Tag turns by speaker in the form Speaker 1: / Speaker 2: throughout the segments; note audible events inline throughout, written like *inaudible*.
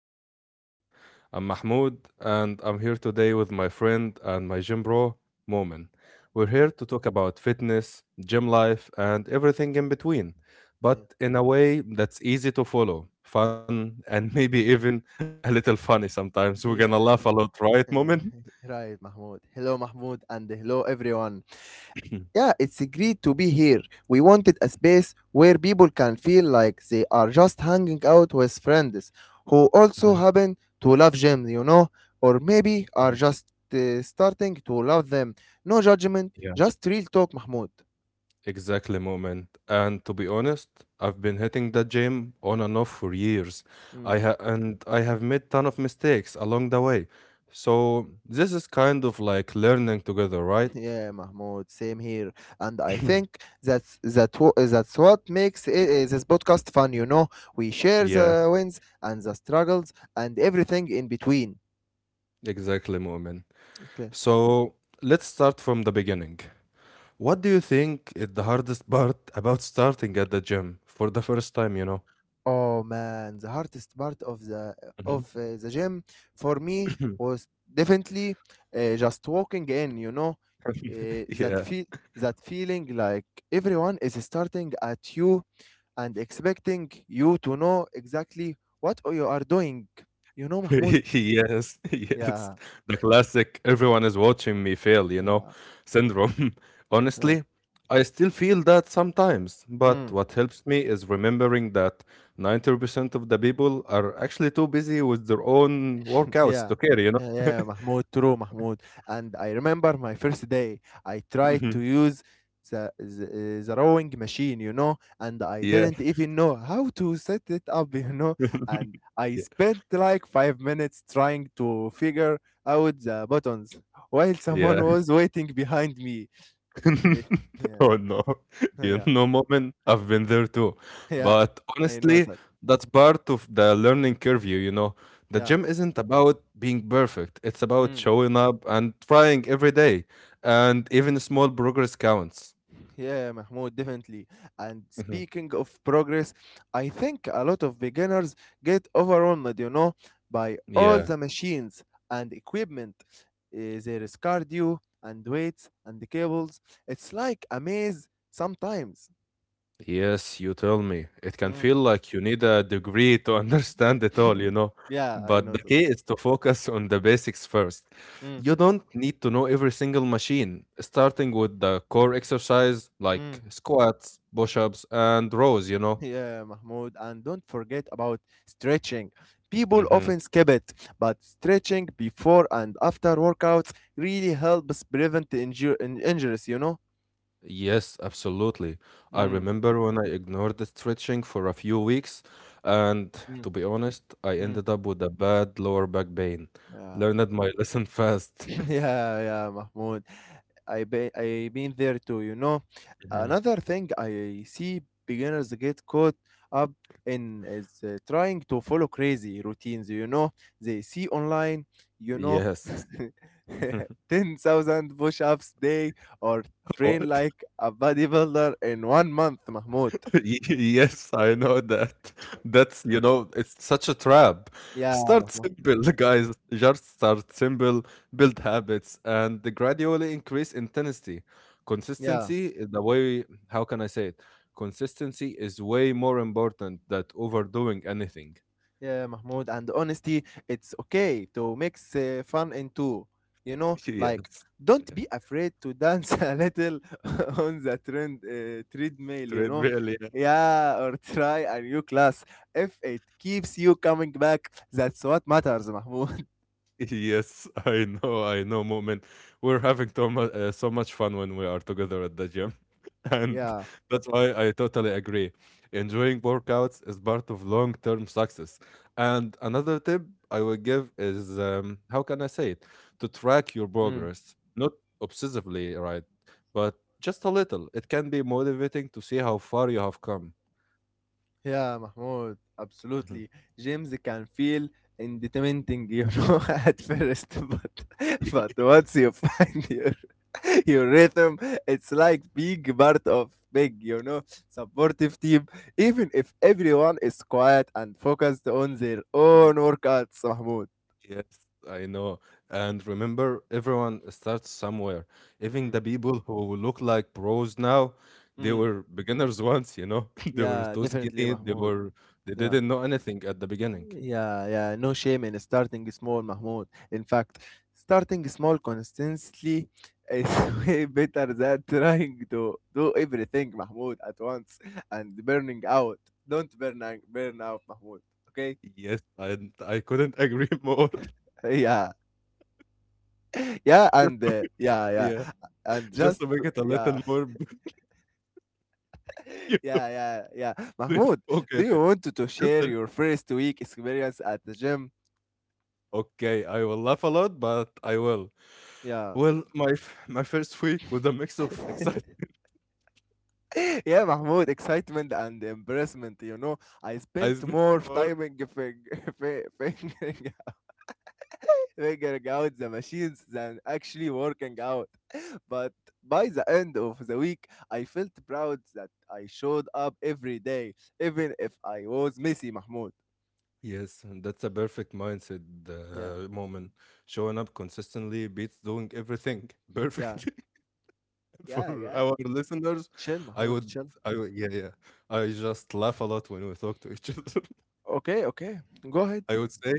Speaker 1: to our podcast. I'm Mahmoud, and I'm here today with my friend and my gym bro, Momin. We're here to talk about fitness, gym life, and everything in between,
Speaker 2: Yeah,
Speaker 1: but in a way that's easy to follow, fun, and maybe even *laughs* a little funny sometimes. We're gonna
Speaker 2: yeah,
Speaker 1: laugh a lot, right,
Speaker 2: yeah.
Speaker 1: Momin?
Speaker 2: *laughs* Right, Mahmoud. Hello, Mahmoud, and hello, everyone.
Speaker 1: *clears throat* Mhm,
Speaker 2: Yeah, it's great to be here. We wanted a space where people can feel like they are just hanging out with friends who
Speaker 1: mhm.
Speaker 2: also happen to love gym, or maybe are
Speaker 1: *coughs*
Speaker 2: just starting to love them. No judgment,
Speaker 1: Yeah.
Speaker 2: just real talk, Mahmoud.
Speaker 1: Exactly, moment. And to be honest, I've been hitting that gym on and off for years. I
Speaker 2: Mm.
Speaker 1: ha and I have made ton of mistakes along the way. So this is kind of like learning together,
Speaker 2: *laughs*
Speaker 1: right?
Speaker 2: Yeah, Mahmoud, same here. And I
Speaker 1: *clears throat*
Speaker 2: think that's what makes this podcast fun. We share
Speaker 1: Yeah,
Speaker 2: the wins and the struggles and everything in between.
Speaker 1: exactly, moment.
Speaker 2: Okay.
Speaker 1: So let's start from the beginning. What do you think is the hardest part about starting at the gym for the first time,
Speaker 2: Oh man, the hardest part of the
Speaker 1: Mhm.
Speaker 2: of uh, the gym for me
Speaker 1: *coughs*
Speaker 2: was definitely just walking in. Uh,
Speaker 1: *clears throat*
Speaker 2: that
Speaker 1: Yeah,
Speaker 2: feel that feeling like everyone is starting at you and expecting you to know exactly what you are doing. You
Speaker 1: *laughs*
Speaker 2: know, Mahmoud?
Speaker 1: Yes, *laughs* yes.
Speaker 2: Yeah,
Speaker 1: The classic everyone is watching me fail, you know,
Speaker 2: yeah,
Speaker 1: syndrome. *laughs*
Speaker 2: yeah,
Speaker 1: Honestly, I still feel that sometimes, but
Speaker 2: mm,
Speaker 1: what helps me is remembering that 90% of the people are actually too busy with their own
Speaker 2: *laughs*
Speaker 1: workouts
Speaker 2: yeah,
Speaker 1: to care, you know?
Speaker 2: yeah, yeah, Mahmoud, true, Mahmoud. And I remember my first day, I tried to use the rowing machine, and I
Speaker 1: *laughs* Yeah.
Speaker 2: didn't even know how to set it up, *laughs*
Speaker 1: *laughs*
Speaker 2: and I
Speaker 1: Yeah.
Speaker 2: spent like 5 minutes trying to figure out the buttons while
Speaker 1: Yeah.
Speaker 2: someone was waiting behind me.
Speaker 1: *laughs*
Speaker 2: *laughs* yeah,
Speaker 1: Oh no, you
Speaker 2: yeah,
Speaker 1: know, moment, I've been there too.
Speaker 2: Yeah,
Speaker 1: But
Speaker 2: I know
Speaker 1: honestly,
Speaker 2: that.
Speaker 1: that's part of the learning curve, you know. The
Speaker 2: Yeah.
Speaker 1: gym isn't about being perfect, it's about
Speaker 2: Mm.
Speaker 1: showing up and trying every day, and even small progress counts.
Speaker 2: Yeah, Mahmoud, definitely. And
Speaker 1: Mhm.
Speaker 2: speaking of progress, I think a lot of beginners get overwhelmed, by all
Speaker 1: Yeah.
Speaker 2: the machines and equipment. There is cardio and weights and the cables. It's like a maze sometimes.
Speaker 1: Yes, you tell me. It can
Speaker 2: Mm.
Speaker 1: feel like you need a degree to *laughs* understand it all,
Speaker 2: *laughs*
Speaker 1: you know.
Speaker 2: Yeah, I
Speaker 1: But the
Speaker 2: know that.
Speaker 1: key is to focus on the basics first. You don't need to know every single machine, starting with the core exercise like
Speaker 2: Mm.
Speaker 1: squats, push ups, and rows,
Speaker 2: Yeah, Mahmoud, and don't forget about stretching. People
Speaker 1: Mm-hmm.
Speaker 2: often skip it, but stretching before and after workouts really helps prevent the injuries, you know?
Speaker 1: Yes, absolutely. I
Speaker 2: Mm,
Speaker 1: remember when I ignored the stretching for a few weeks, and
Speaker 2: mm,
Speaker 1: to be honest, I
Speaker 2: mm.
Speaker 1: ended up with a bad lower back pain.
Speaker 2: Yeah.
Speaker 1: Learned my lesson fast.
Speaker 2: *laughs*
Speaker 1: *laughs*
Speaker 2: Yeah, yeah, Mahmoud. I been there too.
Speaker 1: Mhm.
Speaker 2: Another thing I see beginners get caught up in is trying to follow crazy routines. They see online, you know,
Speaker 1: Yes.
Speaker 2: *laughs*
Speaker 1: *laughs*
Speaker 2: 10,000 push-ups day or train
Speaker 1: What?
Speaker 2: like a bodybuilder in one month, Mahmoud.
Speaker 1: *laughs* Y- Yes, I know that. That's, you know, it's such a trap.
Speaker 2: Yeah,
Speaker 1: Start
Speaker 2: Mahmoud.
Speaker 1: simple, *laughs* guys. Just start simple, build habits, and gradually increase intensity.
Speaker 2: Yeah.
Speaker 1: Consistency is the way, how can I say it? Consistency is way more important than overdoing anything.
Speaker 2: Yeah, Mahmoud, and honesty, it's okay to mix fun into,
Speaker 1: *laughs* Yes.
Speaker 2: like don't
Speaker 1: Yeah.
Speaker 2: be afraid to dance a little *laughs* on the trend treadmill, you know.
Speaker 1: Treadmill, yeah.
Speaker 2: Yeah, or try a new class. If it keeps you coming back, that's what matters, Mahmoud. *laughs*
Speaker 1: *laughs* Yes, I know, Moment. We're having so much, so much fun when we are together at the gym. *laughs* And
Speaker 2: Yeah.
Speaker 1: that's why I totally agree. Enjoying workouts is part of long term success. And another tip I would give is how can I say it? To track your
Speaker 2: Mm.
Speaker 1: progress, not obsessively, right? But just a little. It can be motivating to see how far you have come.
Speaker 2: Yeah, Mahmoud,
Speaker 1: Mhm.
Speaker 2: absolutely. Gyms can feel intimidating, *laughs* at first, but once you find your *laughs* your rhythm, it's like being part of big, supportive team, even if everyone is quiet and focused on their own
Speaker 1: *laughs*
Speaker 2: workouts, Mahmoud.
Speaker 1: Yes, I know. And remember, everyone starts somewhere. Even
Speaker 2: Mm.
Speaker 1: the people who look like pros now, they
Speaker 2: Mm.
Speaker 1: were beginners *laughs* once, you know. *laughs* They were
Speaker 2: Yeah,
Speaker 1: too
Speaker 2: definitely,
Speaker 1: skinny. They
Speaker 2: Mahmoud.
Speaker 1: were they
Speaker 2: Yeah,
Speaker 1: didn't know anything at the beginning.
Speaker 2: yeah, yeah, no shame in starting small, Mahmoud. In fact, starting small consistently is
Speaker 1: Mhm.
Speaker 2: *laughs* way better than trying to do everything, Mahmoud, at once, and burning out. Don't burn out, burn out, Mahmoud. Okay?
Speaker 1: Yes, I couldn't agree more. *laughs*
Speaker 2: *laughs* Yeah. *laughs* yeah
Speaker 1: Just,
Speaker 2: and uh, yeah, yeah,
Speaker 1: yeah,
Speaker 2: and
Speaker 1: just
Speaker 2: just
Speaker 1: to make it a
Speaker 2: yeah.
Speaker 1: little more. *laughs* yeah,
Speaker 2: *laughs* Yeah, yeah, yeah, Mahmoud.
Speaker 1: *laughs* okay,
Speaker 2: Do you
Speaker 1: okay.
Speaker 2: want to
Speaker 1: Just
Speaker 2: share
Speaker 1: a-
Speaker 2: your first week experience at the gym?
Speaker 1: okay. I will laugh a lot, but I will.
Speaker 2: Yeah.
Speaker 1: Well, my first week was a mix of
Speaker 2: *laughs*
Speaker 1: excitement.
Speaker 2: Yeah, Mahmoud, excitement and embarrassment, you know. I
Speaker 1: *laughs* I
Speaker 2: spent
Speaker 1: spent
Speaker 2: more
Speaker 1: more
Speaker 2: time in *laughs* fingering, *laughs* figuring out the machines than actually working out, but by the end of the week, I felt proud that I showed up every day, even if I was messy, Mahmoud.
Speaker 1: Yes, and that's a perfect mindset
Speaker 2: Yeah.
Speaker 1: moment. Showing up consistently beats doing everything
Speaker 2: Yeah,
Speaker 1: perfectly. *laughs* For
Speaker 2: yeah, yeah.
Speaker 1: our listeners,
Speaker 2: Chill,
Speaker 1: I
Speaker 2: Mahmoud,
Speaker 1: would,
Speaker 2: chill.
Speaker 1: yeah, yeah. I just laugh a lot when we talk to each other.
Speaker 2: Okay, okay. Go ahead.
Speaker 1: *laughs* I would say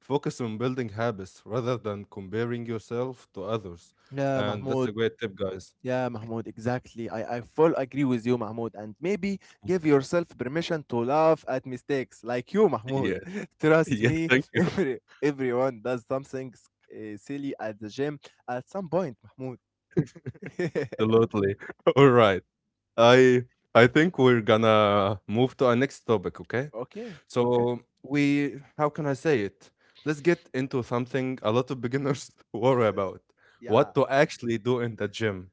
Speaker 1: focus on building habits rather than comparing yourself to others,
Speaker 2: Yeah,
Speaker 1: and that's a
Speaker 2: Mahmoud.
Speaker 1: great tip, guys.
Speaker 2: Yeah, Mahmoud, exactly. I full agree with you, Mahmoud. And maybe give yourself permission to laugh at mistakes like you, Mahmoud.
Speaker 1: Yes,
Speaker 2: *laughs*
Speaker 1: *laughs* yeah,
Speaker 2: Trust me,
Speaker 1: thank you,
Speaker 2: *laughs* everyone does something silly at the gym at some point, Mahmoud. *laughs*
Speaker 1: absolutely. *laughs* All right, I, I think we're gonna move to our next topic. Okay.
Speaker 2: Okay,
Speaker 1: So
Speaker 2: okay.
Speaker 1: we, how can I say it? Let's get into something a lot of beginners *laughs* worry about.
Speaker 2: Yeah,
Speaker 1: What to actually do in the gym.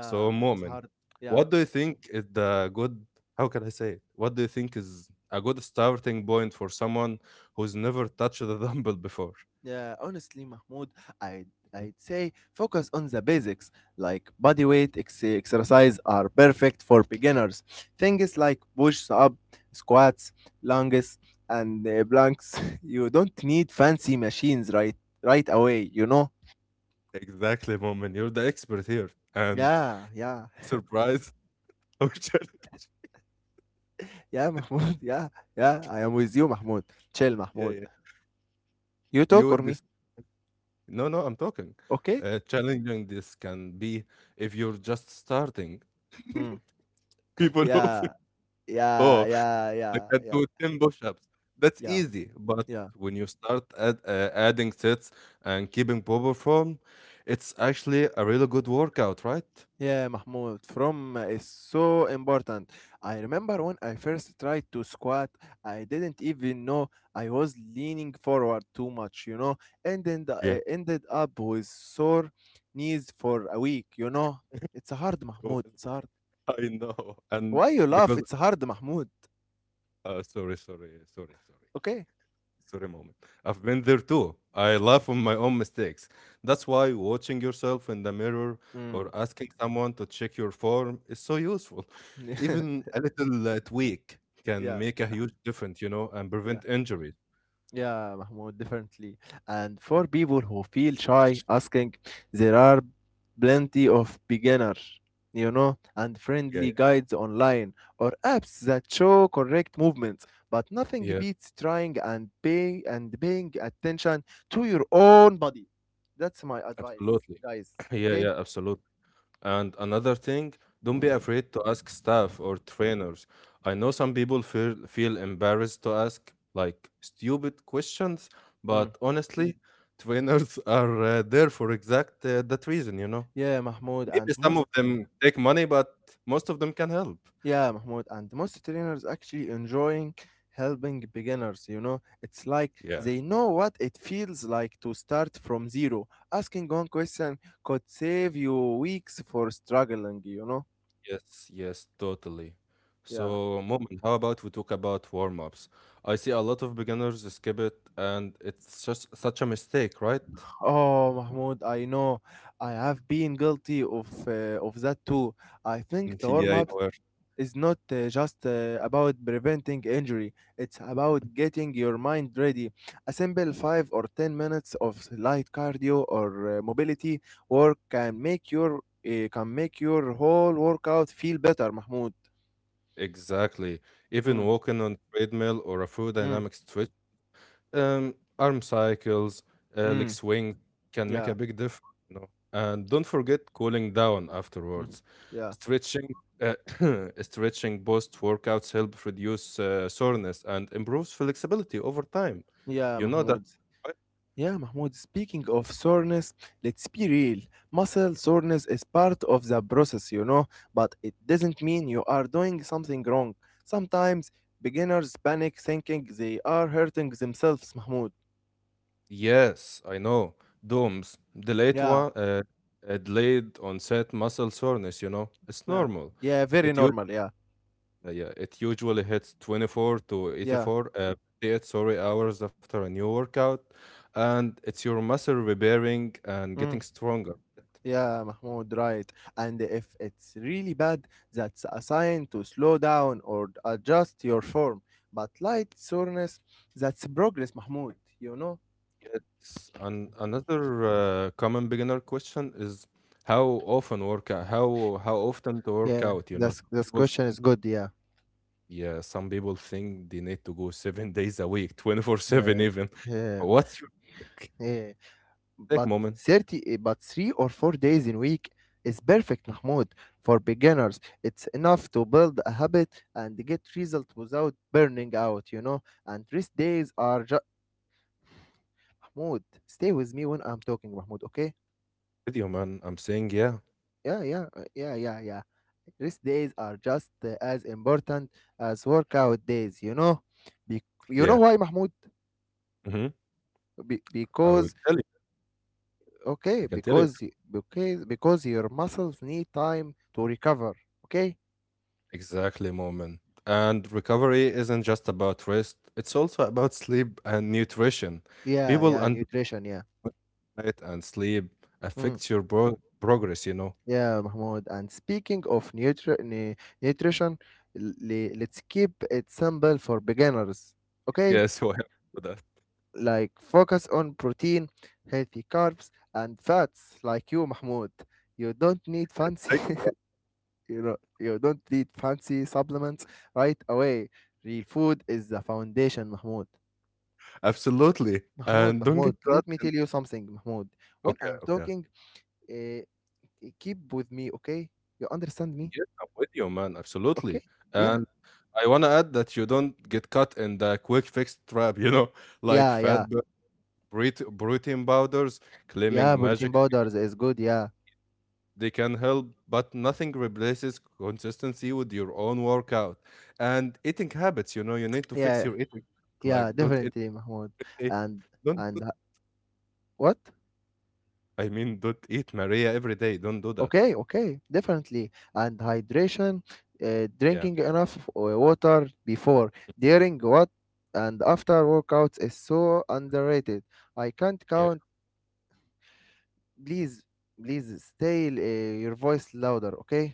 Speaker 1: So,
Speaker 2: it's
Speaker 1: Moment,
Speaker 2: hard. Yeah.
Speaker 1: what do you think is the good, how can I say it? What do you think is a good starting point for someone who's never touched a *laughs* dumbbell before?
Speaker 2: Yeah, honestly, Mahmoud, I'd,
Speaker 1: Mhm.
Speaker 2: I'd say focus on the basics like body weight exercise are perfect for beginners. Things
Speaker 1: Yeah.
Speaker 2: like push up, squats, lunges, and planks. *laughs* You don't need fancy machines right away, you know?
Speaker 1: Exactly, Moment. You're the expert here. And
Speaker 2: Yeah, yeah,
Speaker 1: surprise, *laughs* or challenge.
Speaker 2: yeah, Mahmoud. *laughs* Yeah, yeah, I am with you, Mahmoud. Chill,
Speaker 1: Yeah,
Speaker 2: Mahmoud.
Speaker 1: yeah.
Speaker 2: You
Speaker 1: You
Speaker 2: talk or
Speaker 1: would be.
Speaker 2: me?
Speaker 1: S- No, no, I'm talking.
Speaker 2: Okay?
Speaker 1: Challenging this can be if you're just starting.
Speaker 2: Mm.
Speaker 1: People *laughs* often,
Speaker 2: Yeah, yeah,
Speaker 1: oh,
Speaker 2: yeah,
Speaker 1: I
Speaker 2: yeah,
Speaker 1: can
Speaker 2: yeah,
Speaker 1: do 10 push ups. That's
Speaker 2: yeah,
Speaker 1: easy. But
Speaker 2: yeah.
Speaker 1: when you start adding sets and keeping proper form, it's actually a really good workout, right?
Speaker 2: Yeah, Mahmoud, from is so important. I remember when I first tried to squat, I didn't even know I was leaning forward too much, you know, and then
Speaker 1: Yeah.
Speaker 2: I ended up with sore knees for a week, you know. It's hard,
Speaker 1: *laughs* Well,
Speaker 2: Mahmoud. It's hard.
Speaker 1: I know. And
Speaker 2: Why you laugh?
Speaker 1: because,
Speaker 2: It's hard, Mahmoud.
Speaker 1: sorry, sorry, sorry, sorry.
Speaker 2: Okay.
Speaker 1: Sorry, moment. I've been there too. I laugh on my own mistakes. That's why watching yourself in the mirror
Speaker 2: Mm.
Speaker 1: or asking someone to check your form is so useful. Even
Speaker 2: *laughs*
Speaker 1: a little tweak can
Speaker 2: yeah,
Speaker 1: make a huge difference, you know, and
Speaker 2: yeah.
Speaker 1: prevent injuries.
Speaker 2: Yeah, Mahmoud, definitely. And for people who feel shy asking, there are plenty of beginners, you know, and
Speaker 1: Yeah,
Speaker 2: friendly guides online or apps that show correct movements. But nothing
Speaker 1: yeah, yeah,
Speaker 2: beats trying and paying attention to your own body. That's my advice,
Speaker 1: absolutely.
Speaker 2: guys.
Speaker 1: *clears throat* Yeah,
Speaker 2: Okay?
Speaker 1: yeah, absolutely. And another thing, don't be afraid to ask staff or trainers. I know some people feel embarrassed to ask like stupid questions,
Speaker 2: Mm.
Speaker 1: but honestly, trainers *laughs* are there for exact that reason, you know.
Speaker 2: Yeah, Mahmoud.
Speaker 1: Maybe
Speaker 2: And
Speaker 1: some
Speaker 2: most
Speaker 1: of them take money, but most of them can help.
Speaker 2: Yeah, Mahmoud, and most trainers actually enjoying helping beginners. You know, it's like
Speaker 1: Yeah.
Speaker 2: they know what it feels like to start from zero. Asking one question could save you weeks for struggling, you know?
Speaker 1: Yes, yes, totally.
Speaker 2: Yeah.
Speaker 1: So, Moment, how about we talk about warm-ups? I see a lot of beginners skip it, and it's just such a mistake, right?
Speaker 2: Oh, Mahmoud, I know. I have been guilty of that too. I think the
Speaker 1: *laughs* Yeah, you
Speaker 2: warm-up
Speaker 1: were.
Speaker 2: is not just about preventing injury, it's about getting your mind ready. A simple 5 or 10 minutes of light cardio or mobility work can make your whole workout feel better, Mahmoud.
Speaker 1: Exactly. Even
Speaker 2: Mm,
Speaker 1: walking on treadmill or a full
Speaker 2: mm,
Speaker 1: dynamic stretch, arm cycles, leg
Speaker 2: mm,
Speaker 1: swing can make
Speaker 2: yeah,
Speaker 1: a big difference. You know? And don't forget cooling down
Speaker 2: mm,
Speaker 1: afterwards.
Speaker 2: yeah,
Speaker 1: Stretching, uh, *clears throat* stretching post workouts help reduce soreness and improves flexibility over time.
Speaker 2: yeah,
Speaker 1: You know that?
Speaker 2: Mahmoud.
Speaker 1: Right?
Speaker 2: Yeah, Mahmoud, speaking of soreness, let's be real. Muscle soreness is part of the process, you know, but it doesn't mean you are doing something wrong. Sometimes beginners panic thinking they are hurting themselves, Mahmoud.
Speaker 1: Yes, I know. DOMS,
Speaker 2: Yeah,
Speaker 1: delayed onset muscle soreness. You know, it's
Speaker 2: yeah,
Speaker 1: normal.
Speaker 2: yeah, very
Speaker 1: It
Speaker 2: normal, yeah,
Speaker 1: Yeah, it usually hits 24 to
Speaker 2: yeah.
Speaker 1: 84, uh, 48, sorry, hours after a new workout, and it's your muscle repairing and getting
Speaker 2: Mm.
Speaker 1: stronger.
Speaker 2: Yeah, Mahmoud, right. And if it's really bad, that's a sign to slow down or adjust your form. But light soreness, that's progress, Mahmoud, you know?
Speaker 1: Yes, and another common beginner question is how often work out, how often to work
Speaker 2: Yeah,
Speaker 1: out, you know? Some
Speaker 2: that's this
Speaker 1: People,
Speaker 2: question is good. Yeah,
Speaker 1: yeah, some people think they need to go seven *laughs* days a week, 24/7
Speaker 2: yeah,
Speaker 1: even.
Speaker 2: yeah,
Speaker 1: What's your take,
Speaker 2: yeah.
Speaker 1: take
Speaker 2: But
Speaker 1: moment?
Speaker 2: thirty, eh, but 3 or 4 days in week is perfect, Mahmoud, for beginners. It's enough to build a habit and get result without burning out, you know. And rest days are just Mahmoud. Stay with me when I'm talking, Mahmoud. Okay?
Speaker 1: Video, man. I'm saying, yeah,
Speaker 2: Yeah, yeah, yeah, yeah, yeah. Rest days are just as important as workout days, you know. Be- you
Speaker 1: yeah.
Speaker 2: know why, Mahmoud?
Speaker 1: Hmm I will
Speaker 2: Because,
Speaker 1: tell you. I
Speaker 2: okay,
Speaker 1: can tell you.
Speaker 2: because because your muscles need time to recover. Okay?
Speaker 1: Exactly, moment. And recovery isn't just about rest, it's also about sleep and nutrition.
Speaker 2: Yeah,
Speaker 1: People
Speaker 2: yeah,
Speaker 1: under
Speaker 2: nutrition, yeah.
Speaker 1: diet and sleep
Speaker 2: Mm,
Speaker 1: affects your progress, you know.
Speaker 2: yeah, Mahmoud, and speaking of nutrition, let's keep it simple for beginners. Okay,
Speaker 1: Yes, *laughs* well, for that.
Speaker 2: like focus on protein, healthy carbs, and fats like you, Mahmoud. You don't need fancy,
Speaker 1: Thank you.
Speaker 2: *laughs* you know, you don't need fancy supplements right away. Real food is the foundation, Mahmoud.
Speaker 1: Absolutely.
Speaker 2: Mahmoud,
Speaker 1: And don't get
Speaker 2: Mahmoud,
Speaker 1: caught
Speaker 2: let me
Speaker 1: in
Speaker 2: tell you something, Mahmoud. When
Speaker 1: okay,
Speaker 2: I'm
Speaker 1: okay.
Speaker 2: talking, uh, keep with me, okay? You understand me?
Speaker 1: Yes, I'm with you, man. Absolutely.
Speaker 2: Okay? Yeah,
Speaker 1: And I wanna add that you don't get caught in the quick fix trap, you know, *laughs* like
Speaker 2: yeah, yeah,
Speaker 1: protein powders
Speaker 2: yeah.
Speaker 1: claiming
Speaker 2: Protein
Speaker 1: magic
Speaker 2: powders is good. Yeah,
Speaker 1: They can help, but nothing replaces consistency with your own workout and eating habits. You know, you need to fix
Speaker 2: yeah,
Speaker 1: your eating. Like,
Speaker 2: yeah.
Speaker 1: don't eat,
Speaker 2: Definitely, Mahmoud.
Speaker 1: eh,
Speaker 2: And
Speaker 1: don't. Do-
Speaker 2: and what?
Speaker 1: I mean, don't eat Maria every day. Don't do that.
Speaker 2: Okay, okay. Definitely. And hydration,
Speaker 1: Yeah,
Speaker 2: drinking enough water before, during what, and after workouts is so underrated. I can't
Speaker 1: yeah.
Speaker 2: count. Please, please stay your voice louder, okay?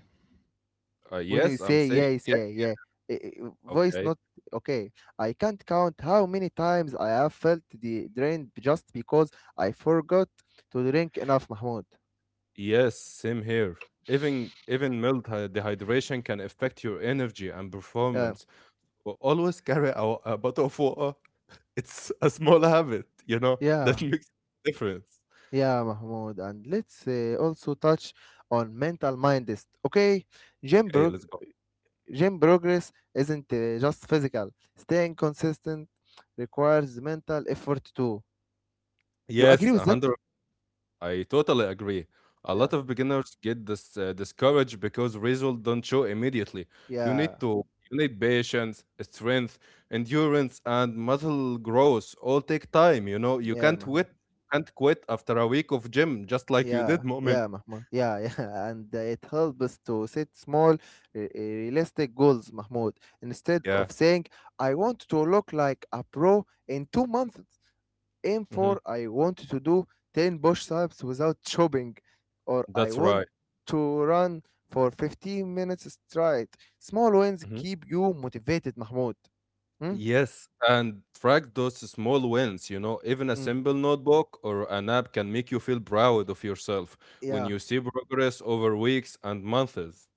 Speaker 2: When you
Speaker 1: Yes, I'm
Speaker 2: say
Speaker 1: saying
Speaker 2: yeah, you
Speaker 1: yeah.
Speaker 2: say yeah. Voice
Speaker 1: Okay.
Speaker 2: not okay. I can't count how many times I have felt the drained just because I forgot to drink enough, Mahmoud.
Speaker 1: Yes, same here. Even mild dehydration can affect your energy and
Speaker 2: Yeah,
Speaker 1: performance. But always carry a bottle of water. It's a small habit, you know, *laughs* that
Speaker 2: yeah,
Speaker 1: makes a difference.
Speaker 2: yeah, Mahmoud. And let's also touch on mental mindset, okay? Gym,
Speaker 1: Okay,
Speaker 2: prog-
Speaker 1: let's go.
Speaker 2: Gym progress isn't just physical. Staying consistent requires mental effort too. You agree
Speaker 1: Yes,
Speaker 2: with that?
Speaker 1: 100 I totally agree. A
Speaker 2: Yeah.
Speaker 1: lot of beginners get discouraged because results don't show immediately. You
Speaker 2: Yeah,
Speaker 1: need to you need patience, strength, endurance, and muscle growth. All take time. You know you
Speaker 2: yeah, Mahmoud.
Speaker 1: can't quit after a week of gym just like you
Speaker 2: Yeah,
Speaker 1: did, *laughs* moment.
Speaker 2: yeah, Mahmoud. Yeah, yeah. *laughs* And it helps us to set small, realistic goals, Mahmoud. Instead
Speaker 1: Yeah,
Speaker 2: of saying, I want to look like a pro in 2 months, aim
Speaker 1: hmm
Speaker 2: for, I want to do 10 push-ups without chopping, or I
Speaker 1: that's
Speaker 2: want
Speaker 1: right.
Speaker 2: to run for 15 minutes straight. Small wins
Speaker 1: Mhm.
Speaker 2: keep you motivated, Mahmoud. Hmm?
Speaker 1: Yes, and track those small wins. You know, even a
Speaker 2: Mm.
Speaker 1: simple notebook or an app can make you feel proud of yourself when
Speaker 2: Yeah.
Speaker 1: you see progress over weeks and months.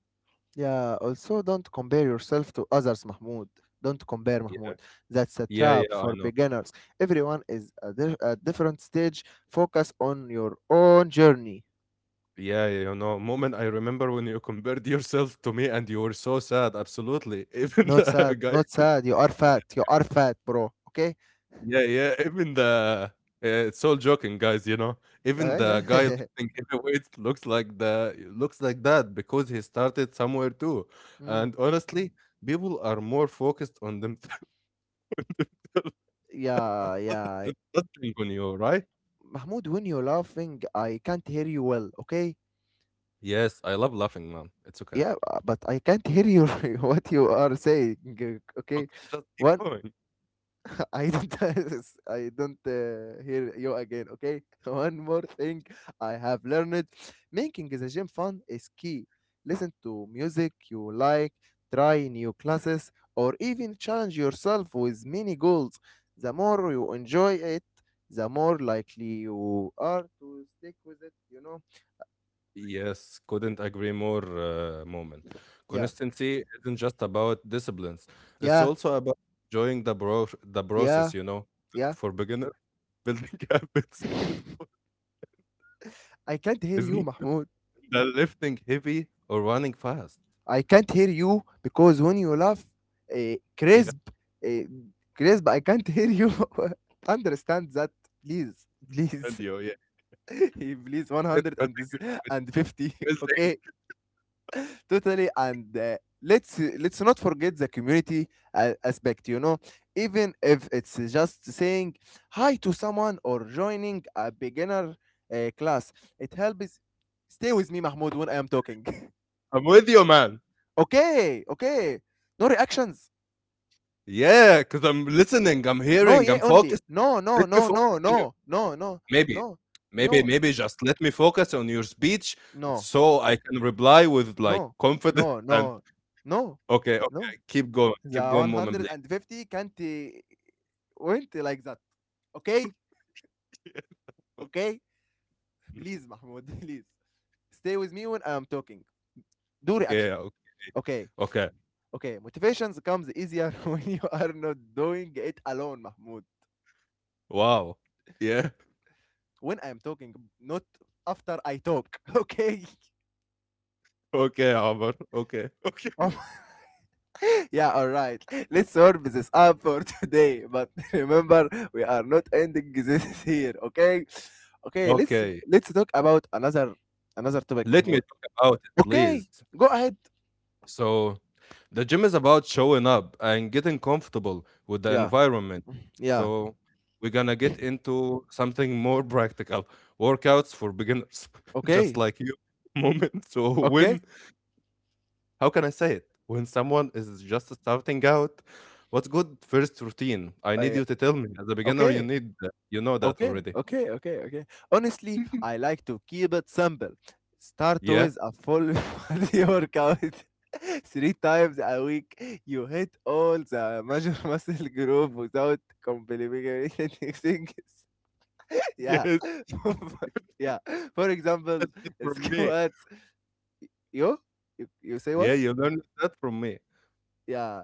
Speaker 2: Yeah, also don't compare yourself to others, Mahmoud. Don't compare, Mahmoud. That's a
Speaker 1: Yeah,
Speaker 2: trap
Speaker 1: yeah, I
Speaker 2: for
Speaker 1: know.
Speaker 2: beginners. Everyone is at a different stage. Focus on your own journey.
Speaker 1: Yeah, yeah, you know, moment I remember when you compared yourself to me and you were so sad. Absolutely. *laughs*
Speaker 2: Not sad, not sad. You are fat. You are fat, bro. Okay?
Speaker 1: Yeah, yeah, even the, uh, it's all joking, guys, you know, even the guy
Speaker 2: Yeah. *laughs*
Speaker 1: lifting heavyweights looks like looks like that because he started somewhere too.
Speaker 2: Mm.
Speaker 1: And honestly, people are more focused on themselves *laughs*
Speaker 2: Yeah, yeah.
Speaker 1: and not on you, right?
Speaker 2: Mahmoud, when you're laughing, I can't hear you well, okay?
Speaker 1: Yes, I love laughing, man. It's okay.
Speaker 2: Yeah, but I can't hear you *laughs* what you are saying, okay?
Speaker 1: Okay, just keep
Speaker 2: One
Speaker 1: going.
Speaker 2: I don't, *laughs* I don't hear you again, okay? *laughs* One more thing I have learned. Making the gym fun is key. Listen to music you like, try new classes, or even challenge yourself with mini goals. The more you enjoy it, the more likely you are to stick with it, you know?
Speaker 1: Yes, couldn't agree more, Moment.
Speaker 2: Yeah,
Speaker 1: Consistency isn't just about disciplines, it's
Speaker 2: yeah,
Speaker 1: also about enjoying the
Speaker 2: yeah,
Speaker 1: process, you know.
Speaker 2: yeah.
Speaker 1: For beginners, building *laughs* habits more,
Speaker 2: I can't hear
Speaker 1: is more
Speaker 2: you, Mahmoud.
Speaker 1: than lifting heavy or running fast.
Speaker 2: I can't hear you because when you laugh, uh,
Speaker 1: Yeah,
Speaker 2: crisp, uh, crisp, I can't hear you. *laughs* Understand that, please,
Speaker 1: and
Speaker 2: please,
Speaker 1: you, yeah.
Speaker 2: *laughs* please, one
Speaker 1: It's
Speaker 2: hundred
Speaker 1: building,
Speaker 2: and fifty. *laughs*
Speaker 1: it's building.
Speaker 2: Okay,
Speaker 1: *laughs*
Speaker 2: totally. And let's not forget the community aspect. You know, even if it's just saying hi to someone or joining a beginner class, it helps. Stay with me, Mahmoud, when I am talking. *laughs*
Speaker 1: I'm with you, man.
Speaker 2: Okay, okay. No reactions.
Speaker 1: Yeah, because I'm listening, I'm
Speaker 2: No,
Speaker 1: hearing,
Speaker 2: yeah,
Speaker 1: I'm
Speaker 2: only.
Speaker 1: focused.
Speaker 2: No,
Speaker 1: Let
Speaker 2: no,
Speaker 1: me
Speaker 2: no,
Speaker 1: focus
Speaker 2: no, no, no, no,
Speaker 1: Maybe.
Speaker 2: no, no,
Speaker 1: Maybe just let me focus on your speech
Speaker 2: no,
Speaker 1: so I can reply with, like,
Speaker 2: no,
Speaker 1: confidence
Speaker 2: no,
Speaker 1: *laughs* and
Speaker 2: no, no,
Speaker 1: okay, okay,
Speaker 2: no. The
Speaker 1: keep going, Mo'min, please.
Speaker 2: 150 can't went like that. Okay? Okay?
Speaker 1: *laughs*
Speaker 2: Please, Mahmoud, *laughs* please. Stay with me when I'm talking. Do
Speaker 1: okay,
Speaker 2: reaction.
Speaker 1: o
Speaker 2: Okay.
Speaker 1: okay.
Speaker 2: Okay. Motivations comes easier *laughs* when you are not doing it alone, Mahmoud.
Speaker 1: Wow. Yeah. *laughs*
Speaker 2: When I'm talking, not after I talk. *laughs* Okay?
Speaker 1: Okay, Albert. Okay. *laughs* Okay.
Speaker 2: Oh, yeah, all right. Let's wrap this up for today. But *laughs* remember, we are not ending this *laughs* here, okay? Okay, let's
Speaker 1: Okay.
Speaker 2: let's talk about another topic,
Speaker 1: Let me
Speaker 2: Mahmoud.
Speaker 1: talk about it,
Speaker 2: Okay,
Speaker 1: please.
Speaker 2: go ahead.
Speaker 1: So the gym is about showing up and getting comfortable with the
Speaker 2: Yeah,
Speaker 1: environment.
Speaker 2: yeah.
Speaker 1: So we're gonna get into something more *laughs* practical. Workouts for beginners, *laughs* just
Speaker 2: Okay,
Speaker 1: like you *laughs* moment. So
Speaker 2: okay,
Speaker 1: when how can I say it? When someone is just starting out, what's good first routine? I need
Speaker 2: uh,
Speaker 1: you to tell me. As a beginner, you
Speaker 2: okay.
Speaker 1: need that. You know that
Speaker 2: Okay,
Speaker 1: already.
Speaker 2: okay, okay, okay. Honestly,
Speaker 1: *laughs*
Speaker 2: I like to keep it simple. Start
Speaker 1: Yeah?
Speaker 2: with a full *laughs* body workout *laughs* three times a week. You hit all the major *laughs* muscle group without complicating things. *laughs* Yeah.
Speaker 1: Yes,
Speaker 2: *laughs* Yeah. For example, *laughs*
Speaker 1: from me.
Speaker 2: squats. You? You? You say what?
Speaker 1: Yeah, you learned that from me.
Speaker 2: Yeah.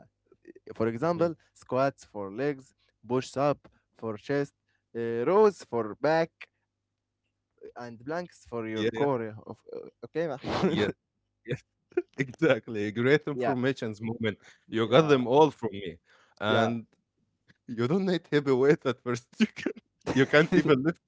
Speaker 2: For
Speaker 1: Mhm.
Speaker 2: example, squats for legs, push up for chest, rows for back, and blanks for your
Speaker 1: Yeah,
Speaker 2: core of okay,
Speaker 1: yeah.
Speaker 2: Mahmoud?
Speaker 1: Yes, *laughs* exactly. Great
Speaker 2: *laughs* Yeah,
Speaker 1: information's moment. You got
Speaker 2: yeah,
Speaker 1: them all from me.
Speaker 2: yeah.
Speaker 1: And you don't need heavy weight at first. *laughs* You can you can't even
Speaker 2: *laughs*
Speaker 1: lift.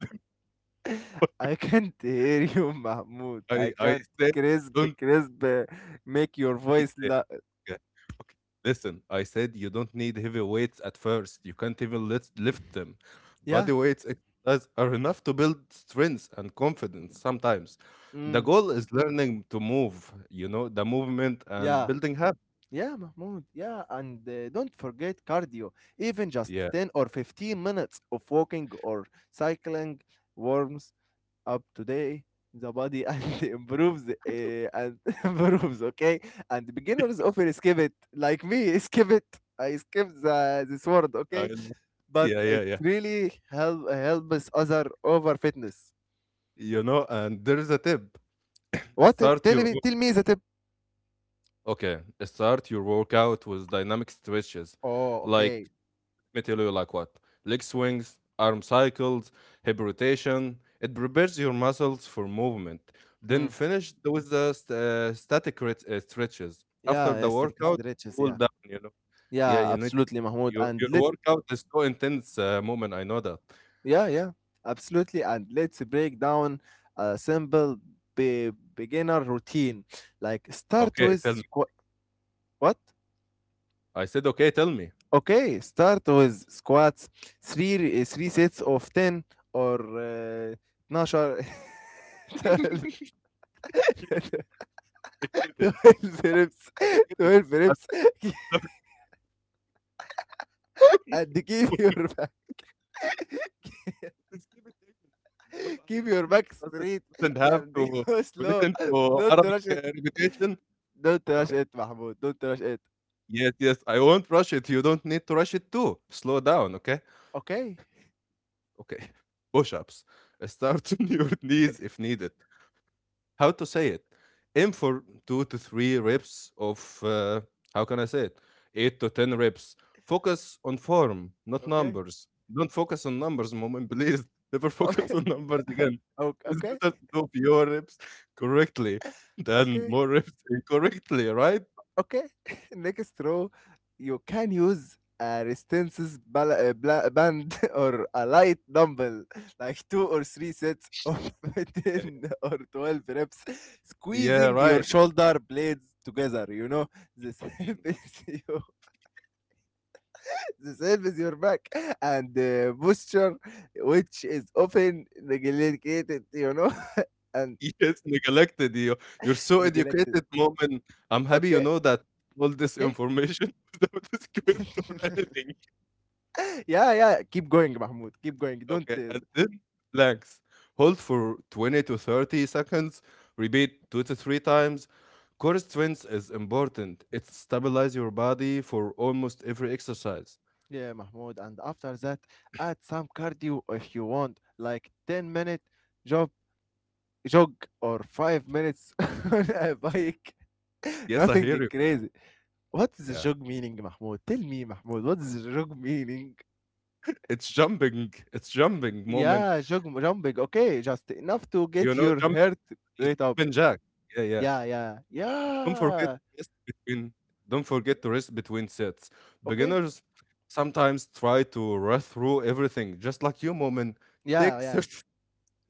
Speaker 2: I can't hear you, Mahmoud.
Speaker 1: I
Speaker 2: I
Speaker 1: I
Speaker 2: can't
Speaker 1: said
Speaker 2: crisp
Speaker 1: don't
Speaker 2: crisp Make your voice
Speaker 1: yeah,
Speaker 2: la-.
Speaker 1: yeah, okay. Listen, I said you don't need heavy weights at first. You can't even lift them.
Speaker 2: Yeah,
Speaker 1: Body weights exercise are enough to build strength and confidence sometimes. The
Speaker 2: mm,
Speaker 1: goal is learning to move, you know, the movement and
Speaker 2: yeah,
Speaker 1: building habits.
Speaker 2: yeah, Mahmoud, yeah, and don't forget cardio, even just
Speaker 1: Yeah.
Speaker 2: 10 or 15 minutes of walking or cycling warms up today the body *laughs* and improves, and *laughs* improves. Okay. And beginners often skip it like me. *laughs* Skip it. I skip the this word.
Speaker 1: I-
Speaker 2: Okay, but
Speaker 1: yeah, yeah,
Speaker 2: it
Speaker 1: yeah.
Speaker 2: really helps other over fitness.
Speaker 1: You know, and there is a tip.
Speaker 2: What,
Speaker 1: Start
Speaker 2: tell
Speaker 1: your
Speaker 2: me tell me the tip.
Speaker 1: Okay, start your workout with dynamic stretches.
Speaker 2: Oh,
Speaker 1: Like
Speaker 2: okay.
Speaker 1: let me tell you like what? Leg swings, arm cycles, hip rotation. It prepares your muscles for movement. Then
Speaker 2: Mm.
Speaker 1: finish with the static stretches. After
Speaker 2: Yeah,
Speaker 1: the
Speaker 2: yeah,
Speaker 1: workout,
Speaker 2: stretches,
Speaker 1: cool
Speaker 2: yeah.
Speaker 1: down, you know. Yeah,
Speaker 2: Yeah,
Speaker 1: you need
Speaker 2: absolutely, Mahmoud, and
Speaker 1: your
Speaker 2: let.
Speaker 1: workout is so intense moment. I know that.
Speaker 2: Yeah, yeah, absolutely, and let's break down a simple beginner routine, like start
Speaker 1: Okay, tell
Speaker 2: with.
Speaker 1: me.
Speaker 2: What?
Speaker 1: I said okay, tell me.
Speaker 2: Okay, start with squats, three three sets of 10 or 12, *laughs* 12
Speaker 1: *laughs* I get it.
Speaker 2: twelve reps,
Speaker 1: I get
Speaker 2: *laughs*
Speaker 1: it.
Speaker 2: 12
Speaker 1: But
Speaker 2: reps. *laughs* And keep
Speaker 1: *laughs*
Speaker 2: your back
Speaker 1: just keep it English. You know, our audience
Speaker 2: straight,
Speaker 1: doesn't have
Speaker 2: and *laughs* go
Speaker 1: to
Speaker 2: slow.
Speaker 1: listen to
Speaker 2: Don't
Speaker 1: Arabic
Speaker 2: rush it.
Speaker 1: repetition.
Speaker 2: Don't rush
Speaker 1: Okay.
Speaker 2: it, Mahmoud. Don't rush it.
Speaker 1: Yes, yes. I won't rush it. You don't need to rush it too. Slow down, okay?
Speaker 2: Okay.
Speaker 1: Okay. *laughs* Push ups. Start *laughs* on your knees if
Speaker 2: *laughs*
Speaker 1: needed. How to say it aim for two to three reps of how can I say it eight to ten reps. Focus on form, not
Speaker 2: Okay,
Speaker 1: numbers. Don't focus on numbers, *laughs* moment, please. Never focus
Speaker 2: okay,
Speaker 1: on numbers again.
Speaker 2: okay,
Speaker 1: It's
Speaker 2: okay.
Speaker 1: better to do fewer reps correctly than
Speaker 2: Okay.
Speaker 1: more reps *laughs* incorrectly, right?
Speaker 2: Okay, *laughs* next row, you can use a resistance band, *laughs* or a light dumbbell, like two or three sets of *laughs*
Speaker 1: yeah,
Speaker 2: 10
Speaker 1: yeah
Speaker 2: or 12 reps,
Speaker 1: Yeah,
Speaker 2: squeezing your
Speaker 1: right.
Speaker 2: shoulder blades together. You know, this *laughs* helps you. This helps *laughs* your back and posture, which is often neglected. You know, *laughs* and
Speaker 1: *laughs* yes, neglected. You, you're so
Speaker 2: neglected.
Speaker 1: educated, moment. I'm happy you
Speaker 2: Okay,
Speaker 1: know that all this
Speaker 2: okay.
Speaker 1: information *laughs* without a script or
Speaker 2: *laughs*
Speaker 1: anything.
Speaker 2: Yeah, yeah. Keep going, Mahmoud. Keep going. Don't
Speaker 1: Okay,
Speaker 2: uh,
Speaker 1: and then relax. Hold for 20 to 30 seconds. Repeat two to three times. Core strength is important. It stabilizes your body for almost every exercise.
Speaker 2: Yeah, Mahmoud. And after that, add some cardio if you want, like 10 minute jog, jog, or 5 minutes *laughs* on a bike. *laughs*
Speaker 1: Yes, I hear
Speaker 2: Nothing
Speaker 1: you.
Speaker 2: crazy. What is the
Speaker 1: Yeah.
Speaker 2: jog meaning, Mahmoud? Tell me, Mahmoud, what is the jog meaning?
Speaker 1: It's jumping. It's jumping, moment.
Speaker 2: Yeah, jog, jumping. Okay, just enough to
Speaker 1: You
Speaker 2: get
Speaker 1: know,
Speaker 2: your
Speaker 1: jumping
Speaker 2: heart
Speaker 1: is
Speaker 2: rate up.
Speaker 1: jumping jack. Yeah, yeah.
Speaker 2: Yeah, yeah,
Speaker 1: Don't forget
Speaker 2: yeah.
Speaker 1: to rest between Don't forget to rest between sets.
Speaker 2: Okay.
Speaker 1: Beginners sometimes try to rush through everything, just like you, moment.
Speaker 2: Yeah,
Speaker 1: Take *laughs*
Speaker 2: yeah.
Speaker 1: 30,